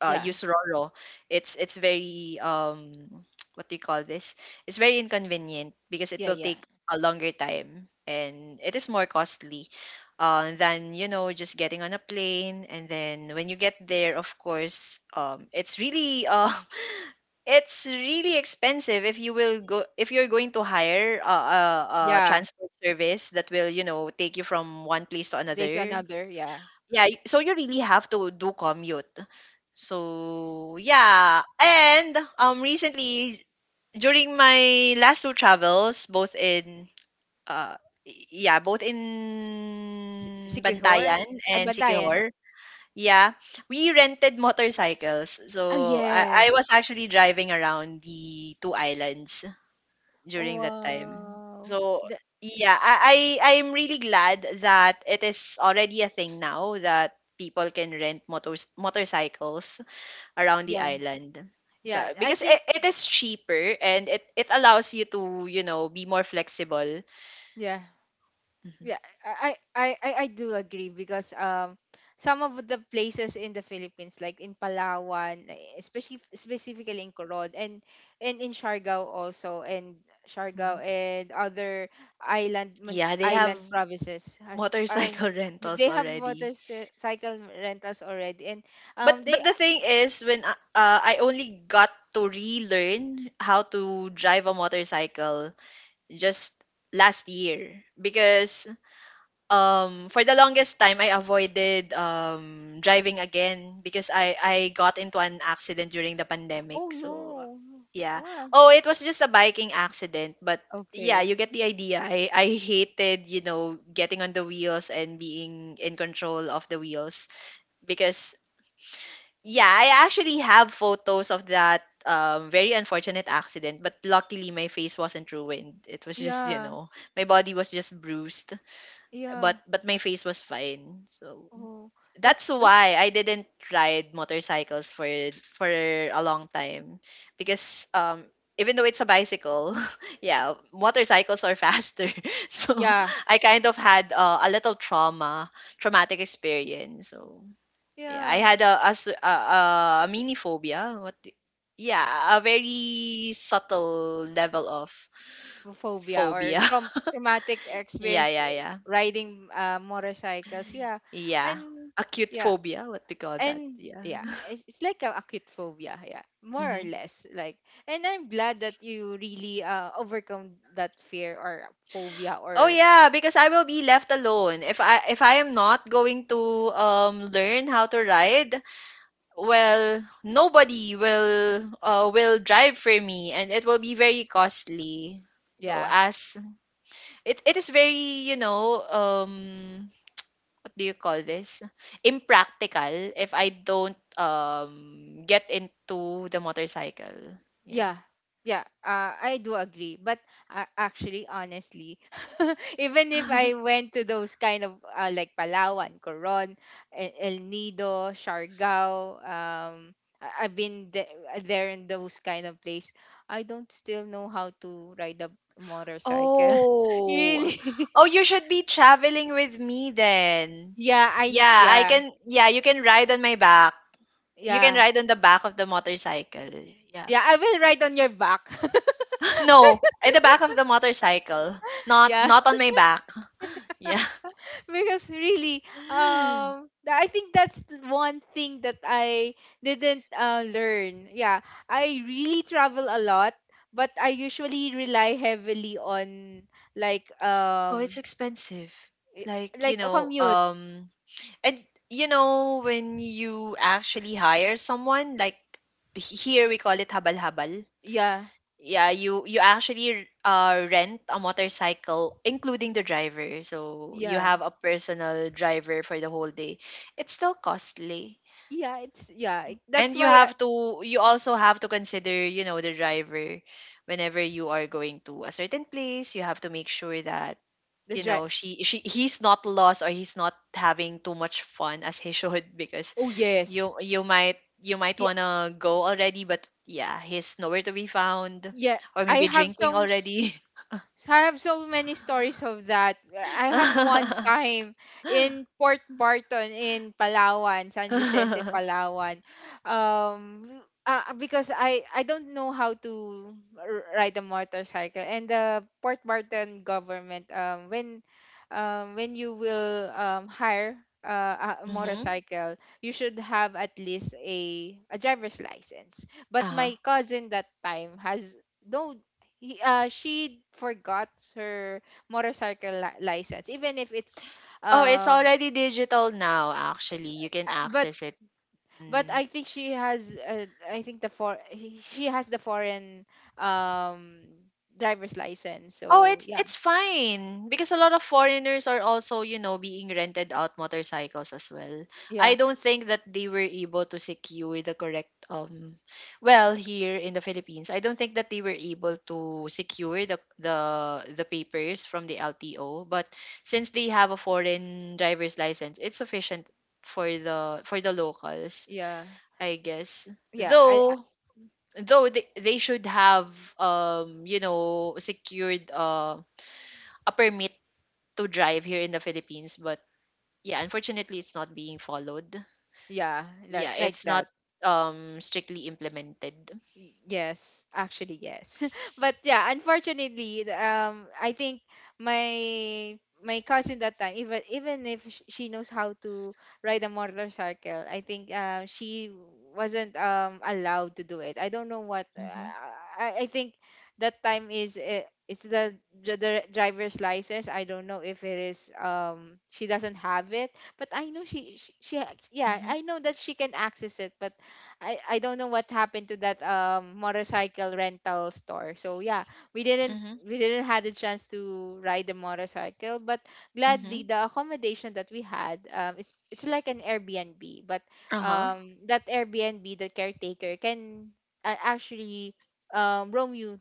Speaker 1: yeah,
Speaker 2: use Roro. It's very what do you call this? It's very inconvenient because it
Speaker 1: yeah,
Speaker 2: will
Speaker 1: yeah,
Speaker 2: take a longer time and it is more costly than you know just getting on a plane and then when you get there, of course, it's really it's really expensive if you will go if you're going to hire a
Speaker 1: yeah.
Speaker 2: transport service that will, you know, take you from one place to
Speaker 1: There's
Speaker 2: another.
Speaker 1: another, yeah.
Speaker 2: So you really have to do commute. So, yeah. And recently during my last two travels both in uh both
Speaker 1: Si
Speaker 2: in
Speaker 1: Siquijor?
Speaker 2: Bantayan
Speaker 1: Ay,
Speaker 2: and
Speaker 1: Bandayan.
Speaker 2: Sikihor, yeah, we rented motorcycles.
Speaker 1: Oh,
Speaker 2: So I
Speaker 1: yes.
Speaker 2: was actually driving around the two islands during that time.
Speaker 1: Wow.
Speaker 2: So
Speaker 1: The,
Speaker 2: yeah, I'm really glad that it is already a thing now that people can rent motors motorcycles around the
Speaker 1: yeah,
Speaker 2: island. So
Speaker 1: yeah. I
Speaker 2: because
Speaker 1: think
Speaker 2: it is cheaper and it allows you to, you know, be more flexible.
Speaker 1: yeah, yeah. I do agree, because some of the places in the Philippines, like in Palawan, eh, especially specifically in Corod, and in Siargao also, and
Speaker 2: Mhm.
Speaker 1: Siargao and other
Speaker 2: Yeah, they have
Speaker 1: island provinces has.
Speaker 2: motorcycle rentals
Speaker 1: They have
Speaker 2: already.
Speaker 1: motorcycle rentals already, and
Speaker 2: But
Speaker 1: they
Speaker 2: the thing is I only got to relearn how to drive a motorcycle just last year because for the longest time I avoided driving again because I got into an accident during the
Speaker 1: oh
Speaker 2: pandemic. So
Speaker 1: no.
Speaker 2: yeah,
Speaker 1: What?
Speaker 2: oh it was just a biking accident, but yeah, you
Speaker 1: Okay.
Speaker 2: get the idea. I hated, you know, getting on the wheels and being in control of the wheels because yeah, I actually have photos of that very unfortunate accident, but luckily my face wasn't ruined. It was just, you
Speaker 1: Yeah.
Speaker 2: know, my body was just bruised,
Speaker 1: Yeah.
Speaker 2: but my face was fine. So
Speaker 1: Oh,
Speaker 2: that's
Speaker 1: that's
Speaker 2: why I didn't ride motorcycles for a long time because even though it's a bicycle, yeah, motorcycles are faster. So
Speaker 1: yeah.
Speaker 2: I kind of had a little traumatic experience. So yeah, I
Speaker 1: Yeah.
Speaker 2: had a mini phobia. What? Yeah, a very subtle level of
Speaker 1: Phobia or
Speaker 2: phobia.
Speaker 1: traumatic
Speaker 2: Yeah,
Speaker 1: experience,
Speaker 2: yeah,
Speaker 1: eh,
Speaker 2: yeah,
Speaker 1: riding, motorcycles. Yeah.
Speaker 2: yeah.
Speaker 1: And
Speaker 2: Acute
Speaker 1: yeah.
Speaker 2: phobia. What do you call that?
Speaker 1: And
Speaker 2: Yeah.
Speaker 1: yeah, it's like a acute phobia, yeah, more or
Speaker 2: Hmm.
Speaker 1: less. Like, and I'm glad that you really overcome that fear or phobia
Speaker 2: Oh
Speaker 1: or
Speaker 2: yeah, because I will be left alone if I am not going to learn how to ride. Well, nobody will drive for me, and it will be very costly. So
Speaker 1: yeah.
Speaker 2: as it is very, you know, do you call this, impractical if I don't get into the motorcycle. Yeah.
Speaker 1: Yeah, yeah, I do agree. But actually, honestly, even if I went to those kind of like Palawan, Coron, El Nido, Siargao, I've been there in those kind of place, I don't still know how to ride a motorcycle.
Speaker 2: Oh.
Speaker 1: Really?
Speaker 2: Oh, you should be traveling with me then.
Speaker 1: Yeah,
Speaker 2: Yeah,
Speaker 1: I yeah,
Speaker 2: you can ride on my back. You can
Speaker 1: yeah.
Speaker 2: ride on the back of the motorcycle. Yeah.
Speaker 1: Yeah, I will ride on your back.
Speaker 2: No, at the back of the motorcycle.
Speaker 1: Yeah.
Speaker 2: Not on my back. Yeah.
Speaker 1: Because really, I think that's one thing that I didn't, learn, yeah. I really travel a lot, but I usually rely heavily on, like,
Speaker 2: Oh, it's expensive.
Speaker 1: i-
Speaker 2: Like, you
Speaker 1: like a
Speaker 2: know,
Speaker 1: commute.
Speaker 2: and you know, when you actually hire someone, like here we call it habal-habal.
Speaker 1: Yeah.
Speaker 2: Yeah, you actually rent a motorcycle, including the driver. So you
Speaker 1: Yeah.
Speaker 2: have a personal driver for the whole day. It's still costly.
Speaker 1: Yeah, it's yeah,
Speaker 2: And
Speaker 1: that's
Speaker 2: you
Speaker 1: why I,
Speaker 2: have to consider, you know, the driver whenever you are going to a certain place. You have to make sure that
Speaker 1: the
Speaker 2: you
Speaker 1: drive,
Speaker 2: know she he's not lost or he's not having too much fun as he should because
Speaker 1: oh
Speaker 2: you
Speaker 1: yes,
Speaker 2: you might
Speaker 1: yeah,
Speaker 2: want to go already, but yeah, he's nowhere to be found
Speaker 1: yeah,
Speaker 2: or
Speaker 1: I
Speaker 2: maybe
Speaker 1: have
Speaker 2: drinking
Speaker 1: some.
Speaker 2: already.
Speaker 1: So I have so many stories of that. I have one time in Port Barton, in Palawan, San Vicente, Palawan. Um, because I don't know how to ride a motorcycle, and the Port Barton government, when, when you will, hire, a
Speaker 2: Mm-hmm.
Speaker 1: motorcycle, you should have at least a driver's license. But
Speaker 2: Uh-huh.
Speaker 1: my cousin that time has no he, she forgot her license, even if it's
Speaker 2: Oh, it's
Speaker 1: um
Speaker 2: already digital now, actually. You can
Speaker 1: uh, but
Speaker 2: access it.
Speaker 1: but
Speaker 2: Mm.
Speaker 1: I think she has, I think the she has the foreign, um driver's license.
Speaker 2: Oh,
Speaker 1: So yeah,
Speaker 2: it's fine because a lot of foreigners are also, you know, being rented out motorcycles as well.
Speaker 1: yeah,
Speaker 2: I don't think that they were able to secure the correct well, here in the Philippines, I don't think that they were able to secure the papers from the LTO, but since they have a foreign driver's license, it's sufficient for the locals,
Speaker 1: yeah,
Speaker 2: I guess.
Speaker 1: yeah, I,
Speaker 2: Though they should have you know secured a permit to drive here in the Philippines, but yeah, unfortunately, it's not being followed.
Speaker 1: yeah,
Speaker 2: Yeah,
Speaker 1: like
Speaker 2: it's not
Speaker 1: that.
Speaker 2: strictly implemented.
Speaker 1: Yes, actually yes. But yeah, unfortunately, I think my my cousin that time, even even if she knows how to ride a motorcycle, I think she wasn't allowed to do it. I don't know what.
Speaker 2: Mhm.
Speaker 1: I think that time is it's the, the driver's license. I don't know if it is she doesn't have it, but I know yeah,
Speaker 2: Mhm.
Speaker 1: I know that she can access it, but I don't know what happened to that motorcycle rental store. So yeah, we didn't
Speaker 2: Mhm.
Speaker 1: we didn't had the chance to ride the motorcycle, but gladly
Speaker 2: Mhm.
Speaker 1: the accommodation that we had, it's like an Airbnb, but
Speaker 2: Uh-huh.
Speaker 1: that Airbnb the caretaker can, actually, roam you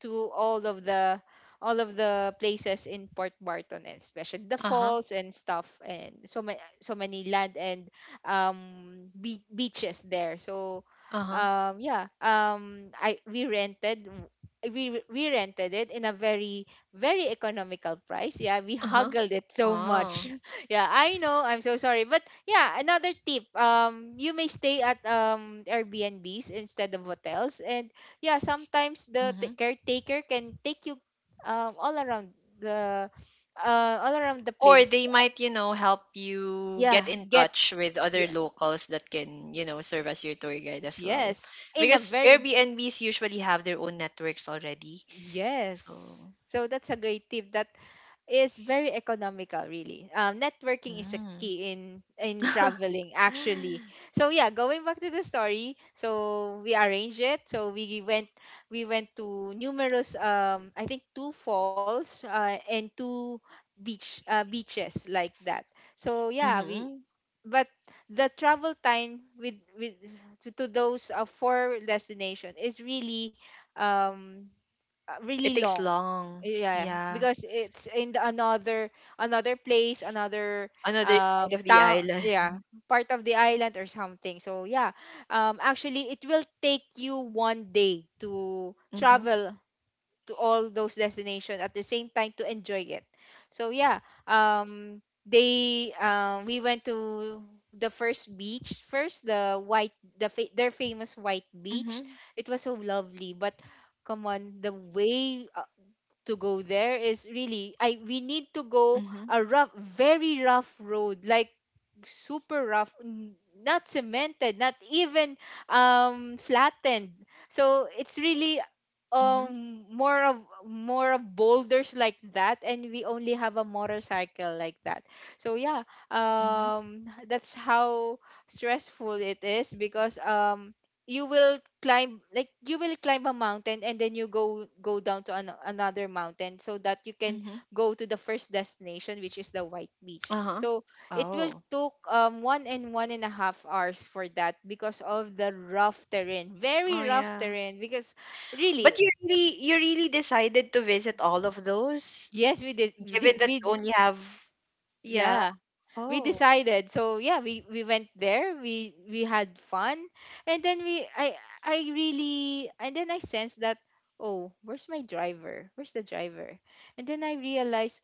Speaker 1: to all of the places in Port Barton, and especially the
Speaker 2: Uh-huh.
Speaker 1: falls and stuff, and so many land and beaches there. So,
Speaker 2: Uh-huh.
Speaker 1: yeah, I we rented, we rented it in a very economical price. Yeah, we
Speaker 2: Uh-huh.
Speaker 1: huggled it so
Speaker 2: Oh.
Speaker 1: much. Yeah, I know. I'm so sorry, but yeah, another tip. You may stay at Airbnbs instead of hotels, and yeah, sometimes the
Speaker 2: Hmm.
Speaker 1: caretaker can take you um all around the all around the
Speaker 2: Or
Speaker 1: place.
Speaker 2: they might, you know, help you
Speaker 1: Yeah,
Speaker 2: get in
Speaker 1: get
Speaker 2: touch with other
Speaker 1: yeah,
Speaker 2: locals that can, you know, serve as your tour guide as well.
Speaker 1: yes, in a
Speaker 2: Because
Speaker 1: very
Speaker 2: Airbnbs usually have their own networks already.
Speaker 1: yes.
Speaker 2: So,
Speaker 1: So that's a great tip, that is very economical. Really, networking is a
Speaker 2: mm.
Speaker 1: key in traveling actually. So yeah, going back to the story, so we arranged it, so we went to numerous, I think two falls, and two beaches like that. So yeah, we,
Speaker 2: Mm-hmm.
Speaker 1: but the travel time with to those four destination is really um
Speaker 2: It
Speaker 1: really
Speaker 2: takes
Speaker 1: long.
Speaker 2: long.
Speaker 1: Yeah,
Speaker 2: Yeah.
Speaker 1: because it's in the another, another place another,
Speaker 2: Another side of the
Speaker 1: town,
Speaker 2: island.
Speaker 1: yeah, part of the island or something. So yeah, actually it will take you 1 day to
Speaker 2: Mhm.
Speaker 1: travel to all those destinations at the same time to enjoy it. So yeah, they we went to the first beach first, the their famous white beach.
Speaker 2: Mhm.
Speaker 1: It was so lovely, but come on, the way, to go there is really, I we need to go
Speaker 2: Mhm.
Speaker 1: a rough, very rough road. Like super rough not cemented, not even, flattened, so it's really,
Speaker 2: Mhm.
Speaker 1: um more of more of boulders like that, and we only have a motorcycle like that. So yeah,
Speaker 2: Mhm.
Speaker 1: that's how stressful it is, because you will climb, like you will climb a mountain and then you go down to an, another mountain so that you can
Speaker 2: Mhm.
Speaker 1: go to the first destination, which is the white beach.
Speaker 2: Uh-huh.
Speaker 1: So it will
Speaker 2: Oh.
Speaker 1: took 1 and 1.5 hours for that, because of the rough terrain
Speaker 2: Oh
Speaker 1: very rough
Speaker 2: yeah.
Speaker 1: terrain. Because
Speaker 2: But
Speaker 1: really,
Speaker 2: you really decided to visit all of those
Speaker 1: yes we did,
Speaker 2: given that you only have, yeah.
Speaker 1: yeah, we
Speaker 2: Oh.
Speaker 1: decided. So yeah, we went there, we had fun, and then we I really, and then I sensed that, oh, where's my driver, where's the driver and then I realized,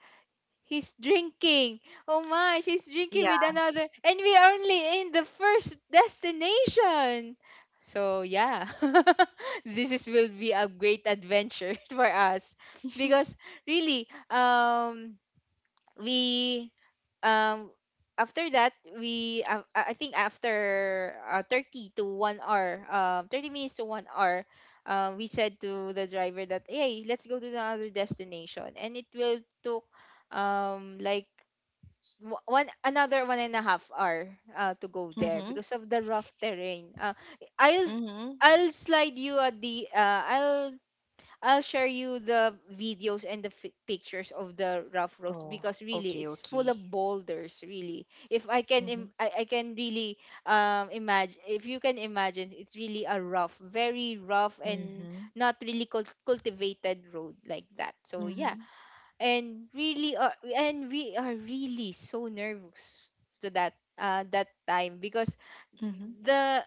Speaker 1: he's drinking. Oh my, she's drinking with
Speaker 2: Yeah.
Speaker 1: another. And we are only in the first destination. So, yeah, will be a great adventure for us because really, we um after that we I think after 30 to 1 hour, 30 minutes to 1 hour. We said to the driver that hey, let's go to the other destination and it will took um like 1.5 hour to go there
Speaker 2: Mm-hmm.
Speaker 1: because of the rough terrain. Uh, I'll
Speaker 2: Mm-hmm.
Speaker 1: I'll slide you a the I'll share you the videos and the fi pictures of the rough roast
Speaker 2: Oh,
Speaker 1: because really
Speaker 2: okay,
Speaker 1: it's
Speaker 2: okay.
Speaker 1: full of boulders. Really, if I can
Speaker 2: Mm-hmm.
Speaker 1: I can really imagine, if you can imagine, it's really a rough, very rough and
Speaker 2: Mm-hmm.
Speaker 1: not really cultivated road like that. So yeah,
Speaker 2: Mm-hmm.
Speaker 1: and really are, and we are really so nervous to that that time because
Speaker 2: Mm-hmm.
Speaker 1: the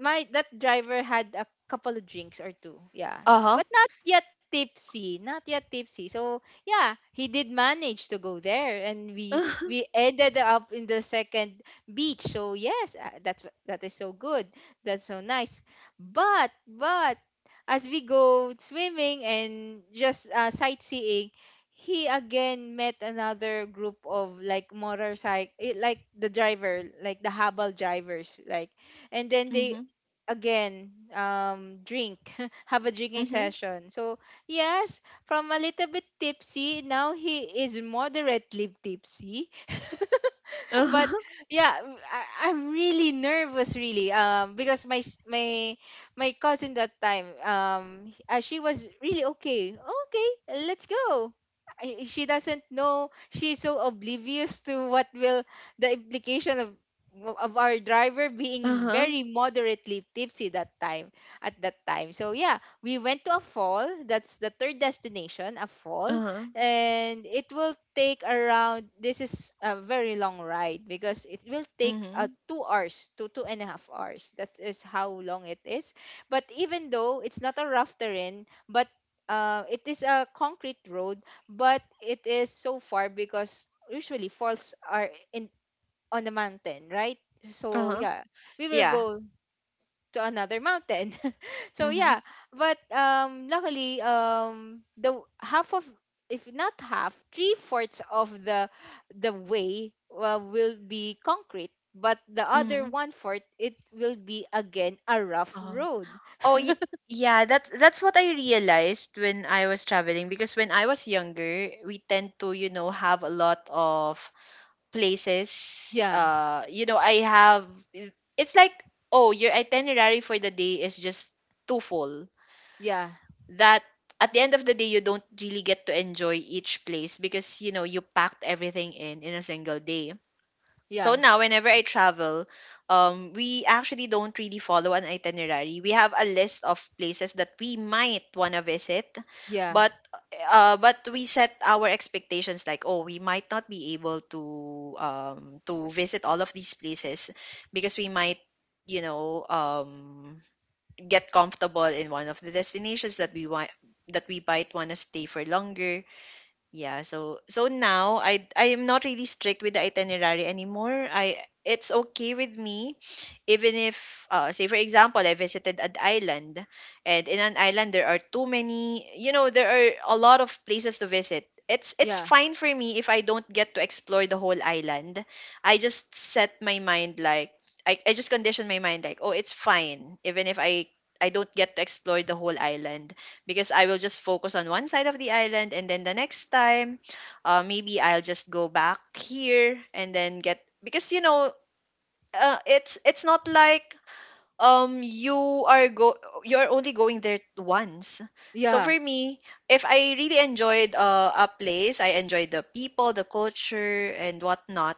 Speaker 1: my that driver had a couple of drinks or two, yeah,
Speaker 2: Uh-huh.
Speaker 1: but not yet tipsy, not yet tipsy. So yeah, he did manage to go there and we ended up in the second beach. So yes, that is so good, that's so nice, but as we go swimming and just sightseeing, he again met another group of like motorcycle, like the driver, like the habal drivers like. And then they
Speaker 2: Mm-hmm.
Speaker 1: again drink have a drinking
Speaker 2: Mm-hmm.
Speaker 1: session. So yes, from a little bit tipsy, now he is moderately tipsy. But
Speaker 2: Uh-huh.
Speaker 1: yeah, I am really nervous, really, because my cousin that time, she was really okay, okay, let's go. She doesn't know, she's so oblivious to what will the implication of our driver being
Speaker 2: Uh-huh.
Speaker 1: very moderately tipsy that time, at that time. So yeah, we went to a fall, that's the third destination, a fall.
Speaker 2: Uh-huh.
Speaker 1: And it will take around, this is a very long ride because it will take
Speaker 2: Mm-hmm.
Speaker 1: 2 hours to 2.5 hours, that is how long it is. But even though it's not a rough terrain, but it is a concrete road, but it is so far because usually falls are in on the mountain, right? So
Speaker 2: Uh-huh.
Speaker 1: yeah, we will
Speaker 2: Yeah.
Speaker 1: go to another mountain. So
Speaker 2: Mhm.
Speaker 1: yeah, but luckily, the half of, if not half, three-fourths of the way will be concrete, but the other
Speaker 2: Mhm.
Speaker 1: one fourth it will be again a rough
Speaker 2: Oh.
Speaker 1: road.
Speaker 2: Oh, y- yeah, that's what I realized when I was traveling, because when I was younger, we tend to, you know, have a lot of places.
Speaker 1: Yeah,
Speaker 2: You know, it's like, oh, your itinerary for the day is just too full.
Speaker 1: yeah,
Speaker 2: That at the end of the day, you don't really get to enjoy each place because, you know, you packed everything in a single day.
Speaker 1: yeah,
Speaker 2: So now, whenever I travel, we actually don't really follow an itinerary. We have a list of places that we might wanna visit,
Speaker 1: yeah,
Speaker 2: but we set our expectations like, oh, we might not be able to visit all of these places because we might, you know, get comfortable in one of the destinations that we might wanna stay for longer. Yeah, so so now I am not really strict with the itinerary anymore. I It's okay with me even if, say for example, I visited an island, and in an island there are too many, you know, there are a lot of places to visit. It's
Speaker 1: yeah,
Speaker 2: fine for me if I don't get to explore the whole island. I just set my mind like, I just condition my mind like, oh, it's fine even if I don't get to explore the whole island because I will just focus on one side of the island, and then the next time maybe I'll just go back here and then get because you know it's not like you are go you're only going there once. So
Speaker 1: yeah,
Speaker 2: for me, if I really enjoyed a place, I enjoyed the people, the culture, and whatnot,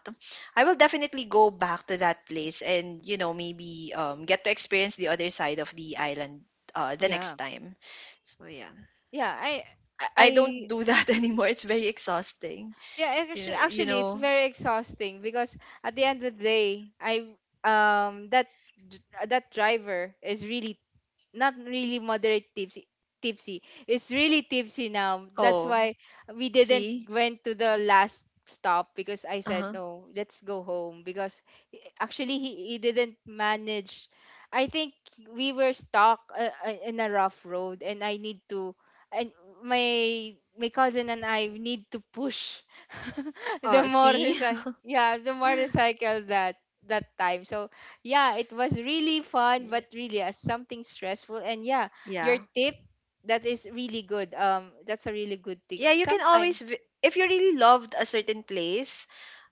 Speaker 2: I will definitely go back to that place. And you know, maybe get to experience the other side of the island the
Speaker 1: yeah,
Speaker 2: next time. So yeah,
Speaker 1: yeah.
Speaker 2: I
Speaker 1: I
Speaker 2: don't do that anymore. It's very exhausting.
Speaker 1: Yeah, actually,
Speaker 2: You
Speaker 1: actually, it's
Speaker 2: know.
Speaker 1: very exhausting because at the end of the day, I um that d- that driver is really not really moderate tipsy, tipsy, it's really tipsy now. That's
Speaker 2: Oh,
Speaker 1: why we didn't
Speaker 2: see?
Speaker 1: went to the last stop because I said
Speaker 2: Uh-huh.
Speaker 1: no, let's go home because actually he didn't manage. I think we were stuck in a rough road and I need to, and my cousin and I need to push the
Speaker 2: Oh, see?
Speaker 1: motorcycle, yeah, the motorcycle that that time. So yeah, it was really fun,
Speaker 2: Yeah.
Speaker 1: but really as something stressful. And yeah, your
Speaker 2: Yeah,
Speaker 1: tip, that is really good. That's a really good tip.
Speaker 2: Yeah, you can
Speaker 1: Sometimes,
Speaker 2: always if you really loved a certain place,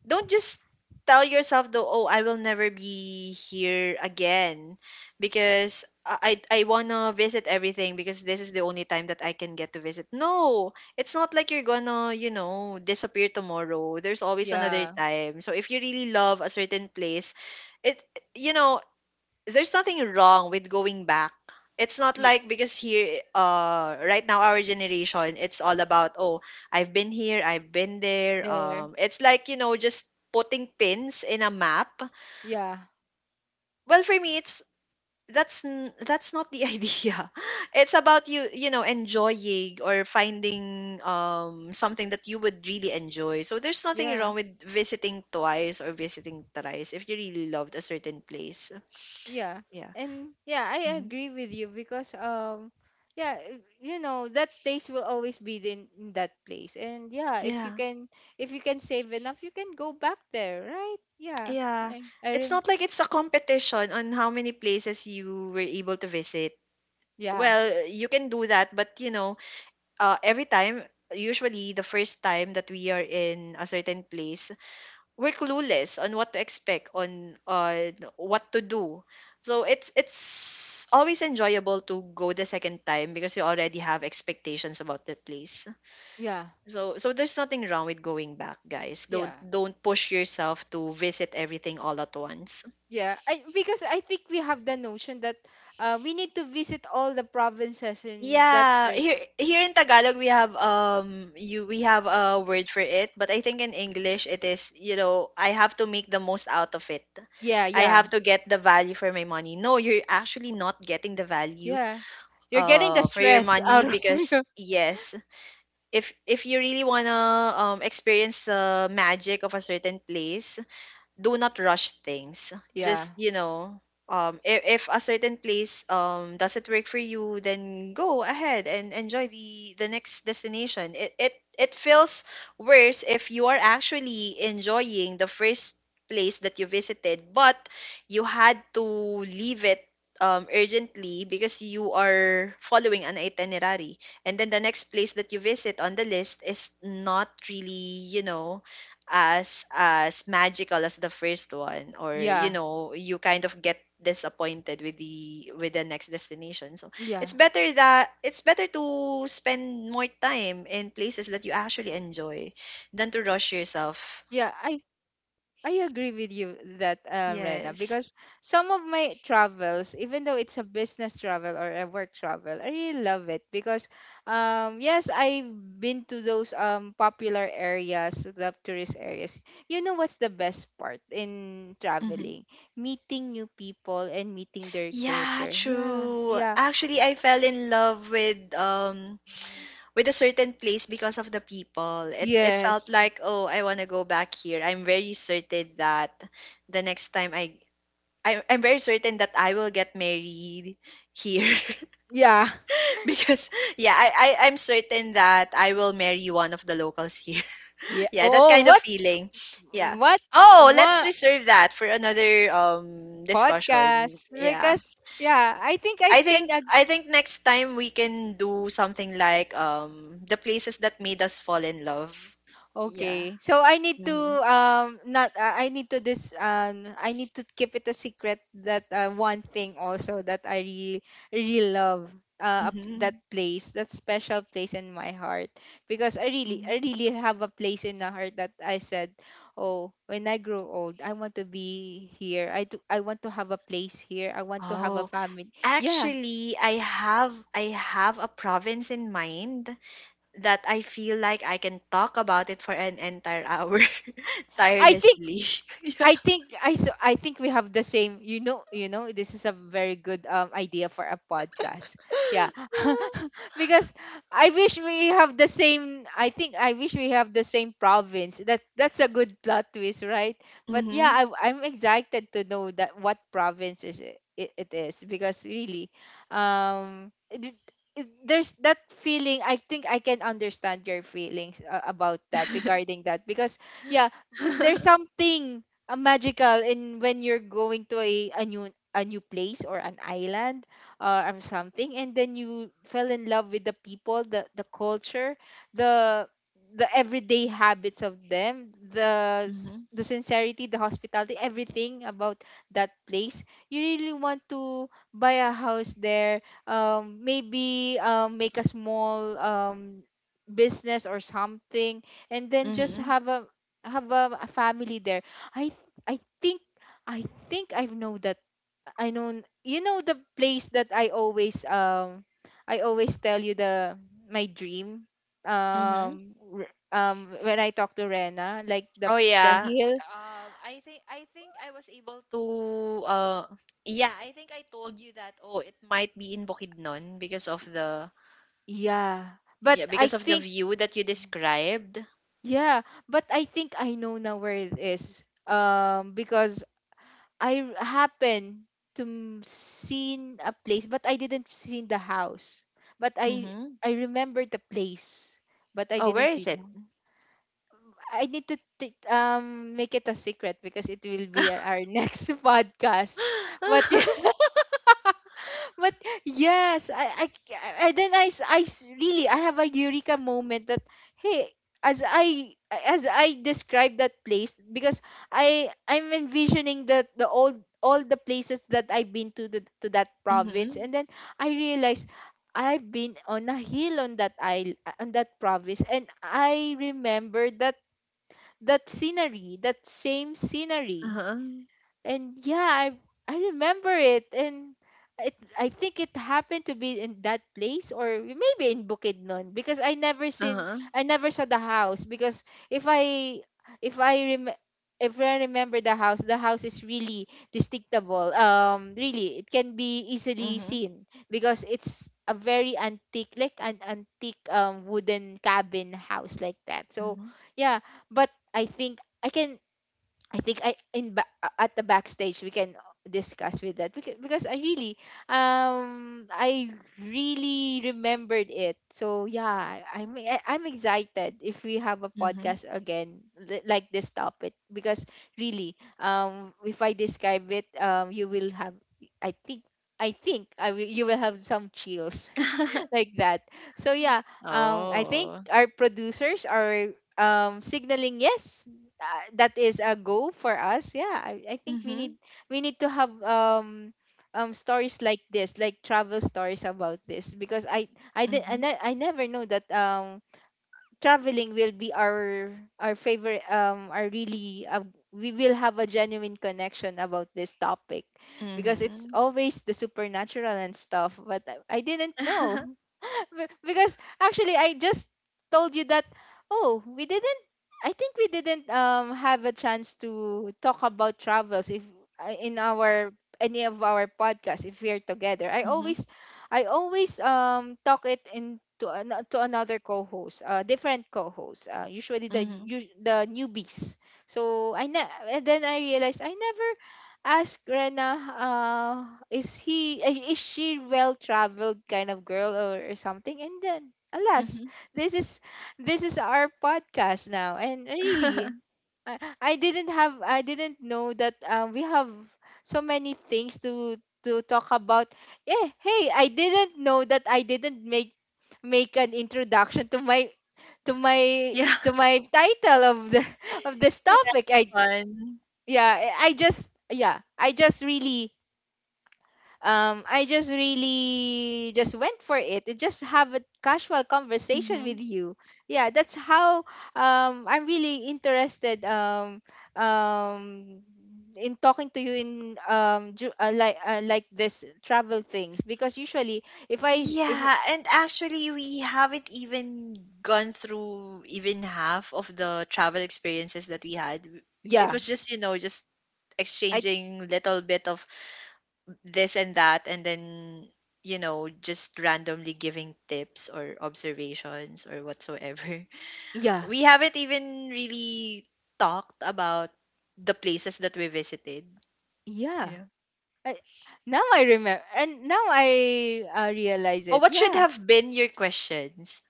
Speaker 2: don't just tell yourself though, oh, I will never be here again because I wanna visit everything because this is the only time that I can get to visit. No, it's not like you're gonna, you know, disappear tomorrow. There's always another
Speaker 1: yeah,
Speaker 2: time. So if you really love a certain place, it you know, there's nothing wrong with going back. It's not
Speaker 1: yeah,
Speaker 2: like, because here right now our generation, it's all about, oh, I've been here, I've been there.
Speaker 1: there,
Speaker 2: Um, it's like, you know, just putting pins in a map.
Speaker 1: yeah,
Speaker 2: Well, for me it's that's not the idea. It's about you, you know, enjoying or finding something that you would really enjoy. So there's nothing
Speaker 1: yeah,
Speaker 2: wrong with visiting twice or visiting thrice if you really loved a certain place.
Speaker 1: yeah,
Speaker 2: Yeah.
Speaker 1: and yeah, I
Speaker 2: Mhm.
Speaker 1: agree with you because yeah, you know that taste will always be in that place. And yeah,
Speaker 2: Yeah.
Speaker 1: if you can save enough, you can go back there, right? Yeah,
Speaker 2: Yeah.
Speaker 1: I, I
Speaker 2: It's
Speaker 1: rem-
Speaker 2: not like it's a competition on how many places you were able to visit.
Speaker 1: yeah,
Speaker 2: Well, you can do that, but you know, uh, every time, usually the first time that we are in a certain place, we're clueless on what to expect, on what to do. So it's always enjoyable to go the second time because you already have expectations about the place.
Speaker 1: yeah,
Speaker 2: So there's nothing wrong with going back, guys.
Speaker 1: yeah.
Speaker 2: Don't push yourself to visit everything all at once.
Speaker 1: Yeah, I, because I think we have the notion that we need to visit all the provinces in that
Speaker 2: Yeah,
Speaker 1: cert.
Speaker 2: here in Tagalog we have you we have a word for it, but I think in English it is, you know, I have to make the most out of it.
Speaker 1: Yeah,
Speaker 2: I
Speaker 1: yeah,
Speaker 2: have to get the value for my money. No, you're actually not getting the value
Speaker 1: yeah. You're getting the
Speaker 2: for your
Speaker 1: stress
Speaker 2: money
Speaker 1: out of you.
Speaker 2: because yes, if you really wanna experience the magic of a certain place, do not rush things. Just,
Speaker 1: Yeah,
Speaker 2: you know, if a certain place doesn't work for you, then go ahead and enjoy the next destination. It feels worse if you are actually enjoying the first place that you visited, but you had to leave it urgently because you are following an itinerary. And then the next place that you visit on the list is not really, you know, as magical as the first one, or you
Speaker 1: yeah,
Speaker 2: know you kind of get disappointed with the next destination. So
Speaker 1: yeah,
Speaker 2: it's better to spend more time in places that you actually enjoy than to rush
Speaker 1: yeah.
Speaker 2: yourself.
Speaker 1: I agree with you that, Rena,
Speaker 2: Yes.
Speaker 1: because some of my travels, even though it's a business travel or a work travel, I really love it because, yes, I've been to those popular areas, the tourist areas. You know what's the best part in
Speaker 2: Hmm.
Speaker 1: traveling? Meeting new people and meeting their
Speaker 2: Yeah,
Speaker 1: culture. Yeah,
Speaker 2: true.
Speaker 1: yeah.
Speaker 2: Actually, I fell in love
Speaker 1: Mm.
Speaker 2: with a certain place because of the people. It felt
Speaker 1: Yes.
Speaker 2: like, oh, I want to go back here. I'm very certain that the next time I'm very certain that I will get married here
Speaker 1: Yeah.
Speaker 2: because yeah, I I'm certain that I will marry one of the locals here.
Speaker 1: Yeah.
Speaker 2: Yeah, that
Speaker 1: Oh,
Speaker 2: kind of feeling. Yeah.
Speaker 1: what
Speaker 2: Oh, let's
Speaker 1: what
Speaker 2: reserve that for another discussion.
Speaker 1: podcast?
Speaker 2: Yeah.
Speaker 1: Because yeah, I think I
Speaker 2: I
Speaker 1: can.
Speaker 2: think I think next time we can do something like the places that made us fall in love. Yeah.
Speaker 1: Okay. So I need to
Speaker 2: Hmm.
Speaker 1: not I need to this, I need to keep it a secret that one thing also that I really really love,
Speaker 2: Hmm.
Speaker 1: that place, that special place in my heart because I really,
Speaker 2: Hmm.
Speaker 1: I really have a place in the heart that I said, oh, when I grow old I want to be here, I do, I want to have a place here, I want to have a
Speaker 2: Oh,
Speaker 1: family, yeah.
Speaker 2: actually, I have a province in mind that I feel like I can talk about it for an entire hour
Speaker 1: I think
Speaker 2: tirelessly.
Speaker 1: I think I so I think we have the same. You know, this is a very good idea for a podcast. Yeah, because I wish we have the same. I think I wish we have the same province. That that's a good plot twist, right? But yeah,
Speaker 2: Mhm.
Speaker 1: I'm excited to know that what province is it, it, it is because really, um, it, it- there's that feeling. I think I can understand your feelings, about that, regarding that because yeah there's something magical in when you're going to a new place or an island, or something and then you fell in love with the people, the culture, the the everyday habits of them,
Speaker 2: Mhm.
Speaker 1: the sincerity, the hospitality, everything about that place. You really want to buy a house there, maybe make a small business or something and then just
Speaker 2: Mhm.
Speaker 1: have a family there. I I think I think I know that. I know you know the place that I always tell you, the my dream,
Speaker 2: Mhm.
Speaker 1: when I talk to Rena, like
Speaker 2: Oh
Speaker 1: the
Speaker 2: yeah.
Speaker 1: hill.
Speaker 2: I think I was able to yeah, I think I told you that, oh, it might be in Bukidnon because of the,
Speaker 1: Yeah, but
Speaker 2: yeah,
Speaker 1: I
Speaker 2: because of the
Speaker 1: think
Speaker 2: view that you described.
Speaker 1: yeah but I think I know now where it is because happen to seen a place but I didn't see the house, but
Speaker 2: Mhm.
Speaker 1: I remember the place but I
Speaker 2: Oh,
Speaker 1: didn't
Speaker 2: where
Speaker 1: see
Speaker 2: is
Speaker 1: the.
Speaker 2: it?
Speaker 1: I need to make it a secret because it will be our next podcast. But but yes, then, really I have a eureka moment that hey, as I as I describe that place because I'm envisioning that the old, all the places that I've been to the, to that province and
Speaker 2: Mhm.
Speaker 1: then I realize I've been on a hill, on that isle, on that province, and I remember that, that scenery, that same scenery.
Speaker 2: Uh-huh.
Speaker 1: And yeah, I remember it and it, I think it happened to be in that place or maybe in Bukidnon because I never seen,
Speaker 2: Uh-huh.
Speaker 1: I never saw the house because if i if i rem if I remember the house is really distinctable. Really, it can be easily
Speaker 2: Mhm.
Speaker 1: seen because it's a very antique, like an antique wooden cabin house like that. So
Speaker 2: Mhm.
Speaker 1: yeah, but I think I can, I think I in ba- at the backstage we can discuss with that because I really remembered it. So yeah, I'm I'm excited if we have a
Speaker 2: Mhm.
Speaker 1: podcast again, like this topic because really if I describe it you will have, I think I think you will have some chills like that. So yeah, I think
Speaker 2: Oh.
Speaker 1: our producers are, signaling, yes, that is a go for us. Yeah, I think
Speaker 2: Mhm.
Speaker 1: we need to have, stories like this, like travel stories about this, because I did I,
Speaker 2: Mhm.
Speaker 1: ne- I never know that traveling will be our favorite, our really, we will have a genuine connection about this topic because it's
Speaker 2: Mhm.
Speaker 1: always the supernatural and stuff, but I didn't know. Because actually I just told you that, oh we didn't, I think we didn't have a chance to talk about travels if, in our any of our podcasts if we are together,
Speaker 2: Mhm.
Speaker 1: I always talk it in to, to another co-host, different co host usually
Speaker 2: Mhm.
Speaker 1: the newbies. So and then I realized I never asked Rena, is he, is she well-traveled kind of girl, or something? And then alas,
Speaker 2: Mhm.
Speaker 1: this is this is our podcast now, and really I didn't know that we have so many things to talk about. Yeah, hey, I didn't know that I didn't make make an introduction to my to my
Speaker 2: Yeah.
Speaker 1: to my title of the of this
Speaker 2: Yeah.
Speaker 1: topic. I
Speaker 2: Fun.
Speaker 1: Yeah, I just yeah, I just really just went for it. I just have a casual conversation
Speaker 2: Mhm.
Speaker 1: with you. Yeah, that's how I'm really interested, um in talking to you in, like, like this travel things because usually if I s- if
Speaker 2: Yeah, and actually we haven't even gone through even half of the travel experiences that we had. It
Speaker 1: yeah,
Speaker 2: was just, you know, just
Speaker 1: I
Speaker 2: exchanging little bit of this and that, and then you know just randomly giving tips or observations or whatsoever.
Speaker 1: yeah,
Speaker 2: We haven't even really talked about the places that we visited.
Speaker 1: yeah.
Speaker 2: Yeah.
Speaker 1: I, now I remember and now I, realize
Speaker 2: Oh,
Speaker 1: it.
Speaker 2: what should
Speaker 1: Yeah.
Speaker 2: have been your questions?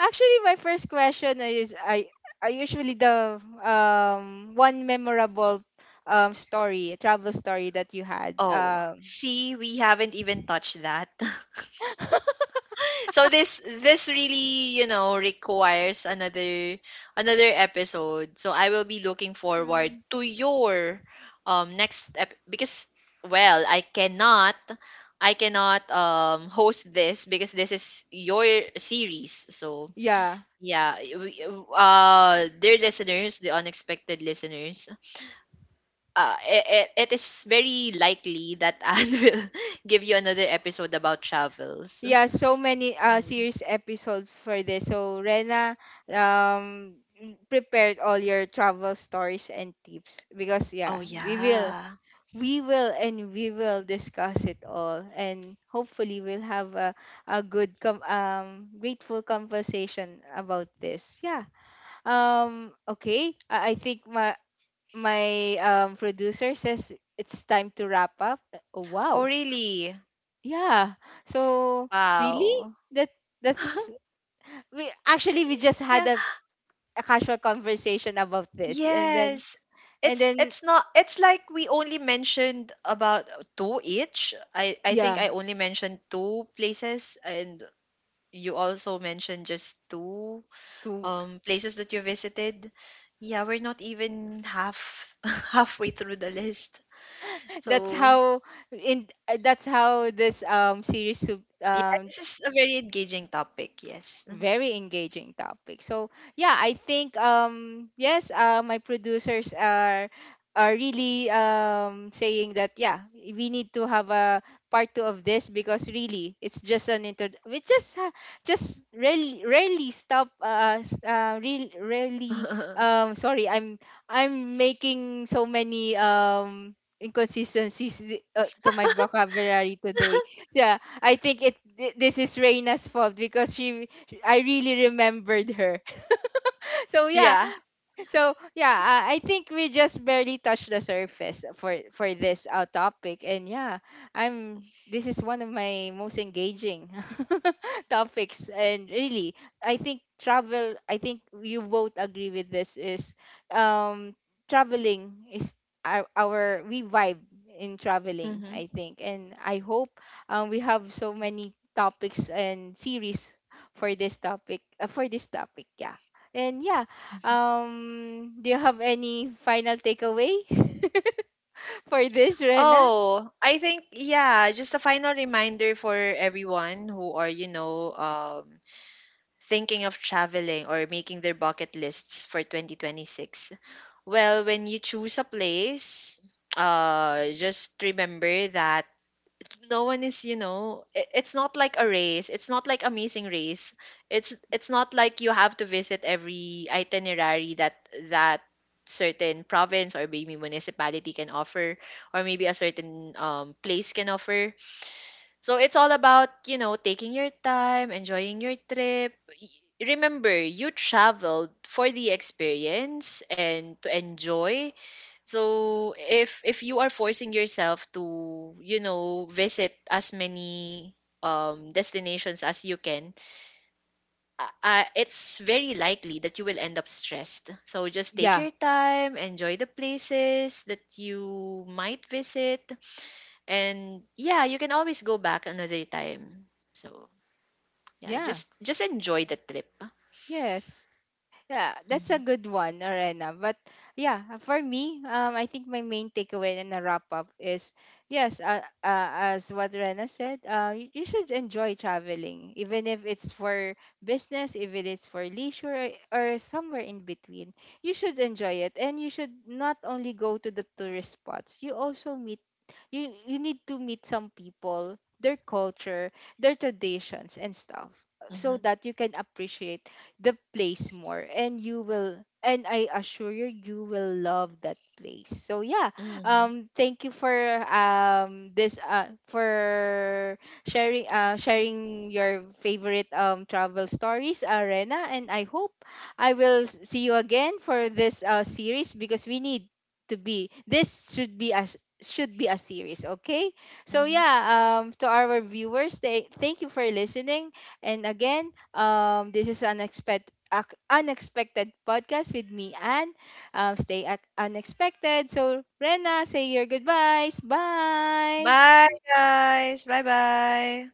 Speaker 1: Actually, my first question is I are usually the one memorable story, travel story that you had.
Speaker 2: Oh
Speaker 1: Um,
Speaker 2: see, we haven't even touched that. So this really, you know, requires another, another episode. So I will be looking forward to your next ep- because well, I cannot host this because this is your series. So
Speaker 1: yeah.
Speaker 2: yeah, uh, dear listeners, the unexpected listeners, it, it is very likely that Anne will give you another episode about travels.
Speaker 1: Yeah, so many
Speaker 2: Mm.
Speaker 1: series episodes for this. So Rena, um prepared all your travel stories and tips because
Speaker 2: Oh
Speaker 1: yeah,
Speaker 2: yeah.
Speaker 1: we will and we will discuss it all, and hopefully we'll have a good, grateful conversation about this. Yeah. Okay. I think my producer says it's time to wrap up. Oh,
Speaker 2: Oh,
Speaker 1: wow.
Speaker 2: really?
Speaker 1: Yeah. So really
Speaker 2: Wow.
Speaker 1: that that's we actually we just
Speaker 2: Yeah.
Speaker 1: had a casual conversation about this
Speaker 2: Yes.
Speaker 1: and then
Speaker 2: It's not, it's like we only mentioned about two each. I think
Speaker 1: yeah,
Speaker 2: I only mentioned two places, and you also mentioned just two
Speaker 1: to
Speaker 2: places that you visited. Yeah, we're not even half halfway through the list.
Speaker 1: that's
Speaker 2: So,
Speaker 1: how, in that's how this,
Speaker 2: yeah, this is a very engaging topic, yes.
Speaker 1: very engaging topic. So yeah, I think yes, my producers are really saying that yeah, we need to have a part two of this because really it's just an inter, we just rarely rarely stop, really rarely, sorry, I'm making so many inconsistencies, to my vocabulary today. Yeah, I think this is Reina's fault because she, I really remembered her. So yeah,
Speaker 2: Yeah.
Speaker 1: so yeah, I think we just barely touched the surface for this topic, and yeah, I'm. This is one of my most engaging topics, and really, I think travel. I think you both agree with this. Is um traveling is our we vibe in traveling.
Speaker 2: Mm-hmm.
Speaker 1: I think, and I hope, we have so many topics and series for this topic, for this topic. Yeah, and yeah,
Speaker 2: Mm-hmm.
Speaker 1: do you have any final takeaway for this, Rena?
Speaker 2: Oh, I think yeah, just a final reminder for everyone who are, you know, thinking of traveling or making their bucket lists for 2026. Well, when you choose a place, just remember that no one is, you know, it's not like a race, it's not like Amazing Race.
Speaker 1: Y-
Speaker 2: It's not like you have to visit every itinerary that that certain province or maybe municipality can offer, or maybe a certain place can offer. So it's all about, you know, taking your time, enjoying your trip. Remember, you traveled for the experience and to enjoy. So if you are forcing yourself to, you know, visit as many destinations as you can, it's very likely that you will end up stressed. So just take
Speaker 1: Yeah,
Speaker 2: your time, enjoy the places that you might visit, and yeah, you can always go back another time. So yeah,
Speaker 1: yeah,
Speaker 2: just enjoy the trip.
Speaker 1: yes. Yeah, that's a
Speaker 2: Hmm.
Speaker 1: good one, Rena. But yeah, for me, I think my main takeaway and a wrap up is, yes, as what Rena said, you, you should enjoy traveling, even if it's for business, if it is for leisure or somewhere in between. You should enjoy it, and you should not only go to the tourist spots. You also meet, you need to meet some people, their culture, their traditions and stuff so
Speaker 2: Hmm.
Speaker 1: that you can appreciate the place more, and you will, and I assure you, you will love that place. So yeah,
Speaker 2: Hmm.
Speaker 1: thank you for this for sharing sharing your favorite travel stories, Arena, and I hope I will see you again for this series because we need to be this should be as should be a series, okay. So
Speaker 2: Hmm.
Speaker 1: yeah, to our viewers they, thank you for listening, and again this is unexpected, unexpected podcast with me and, stay at unexpected. So Rena, say your goodbyes. Bye.
Speaker 2: Bye, guys. Bye, bye.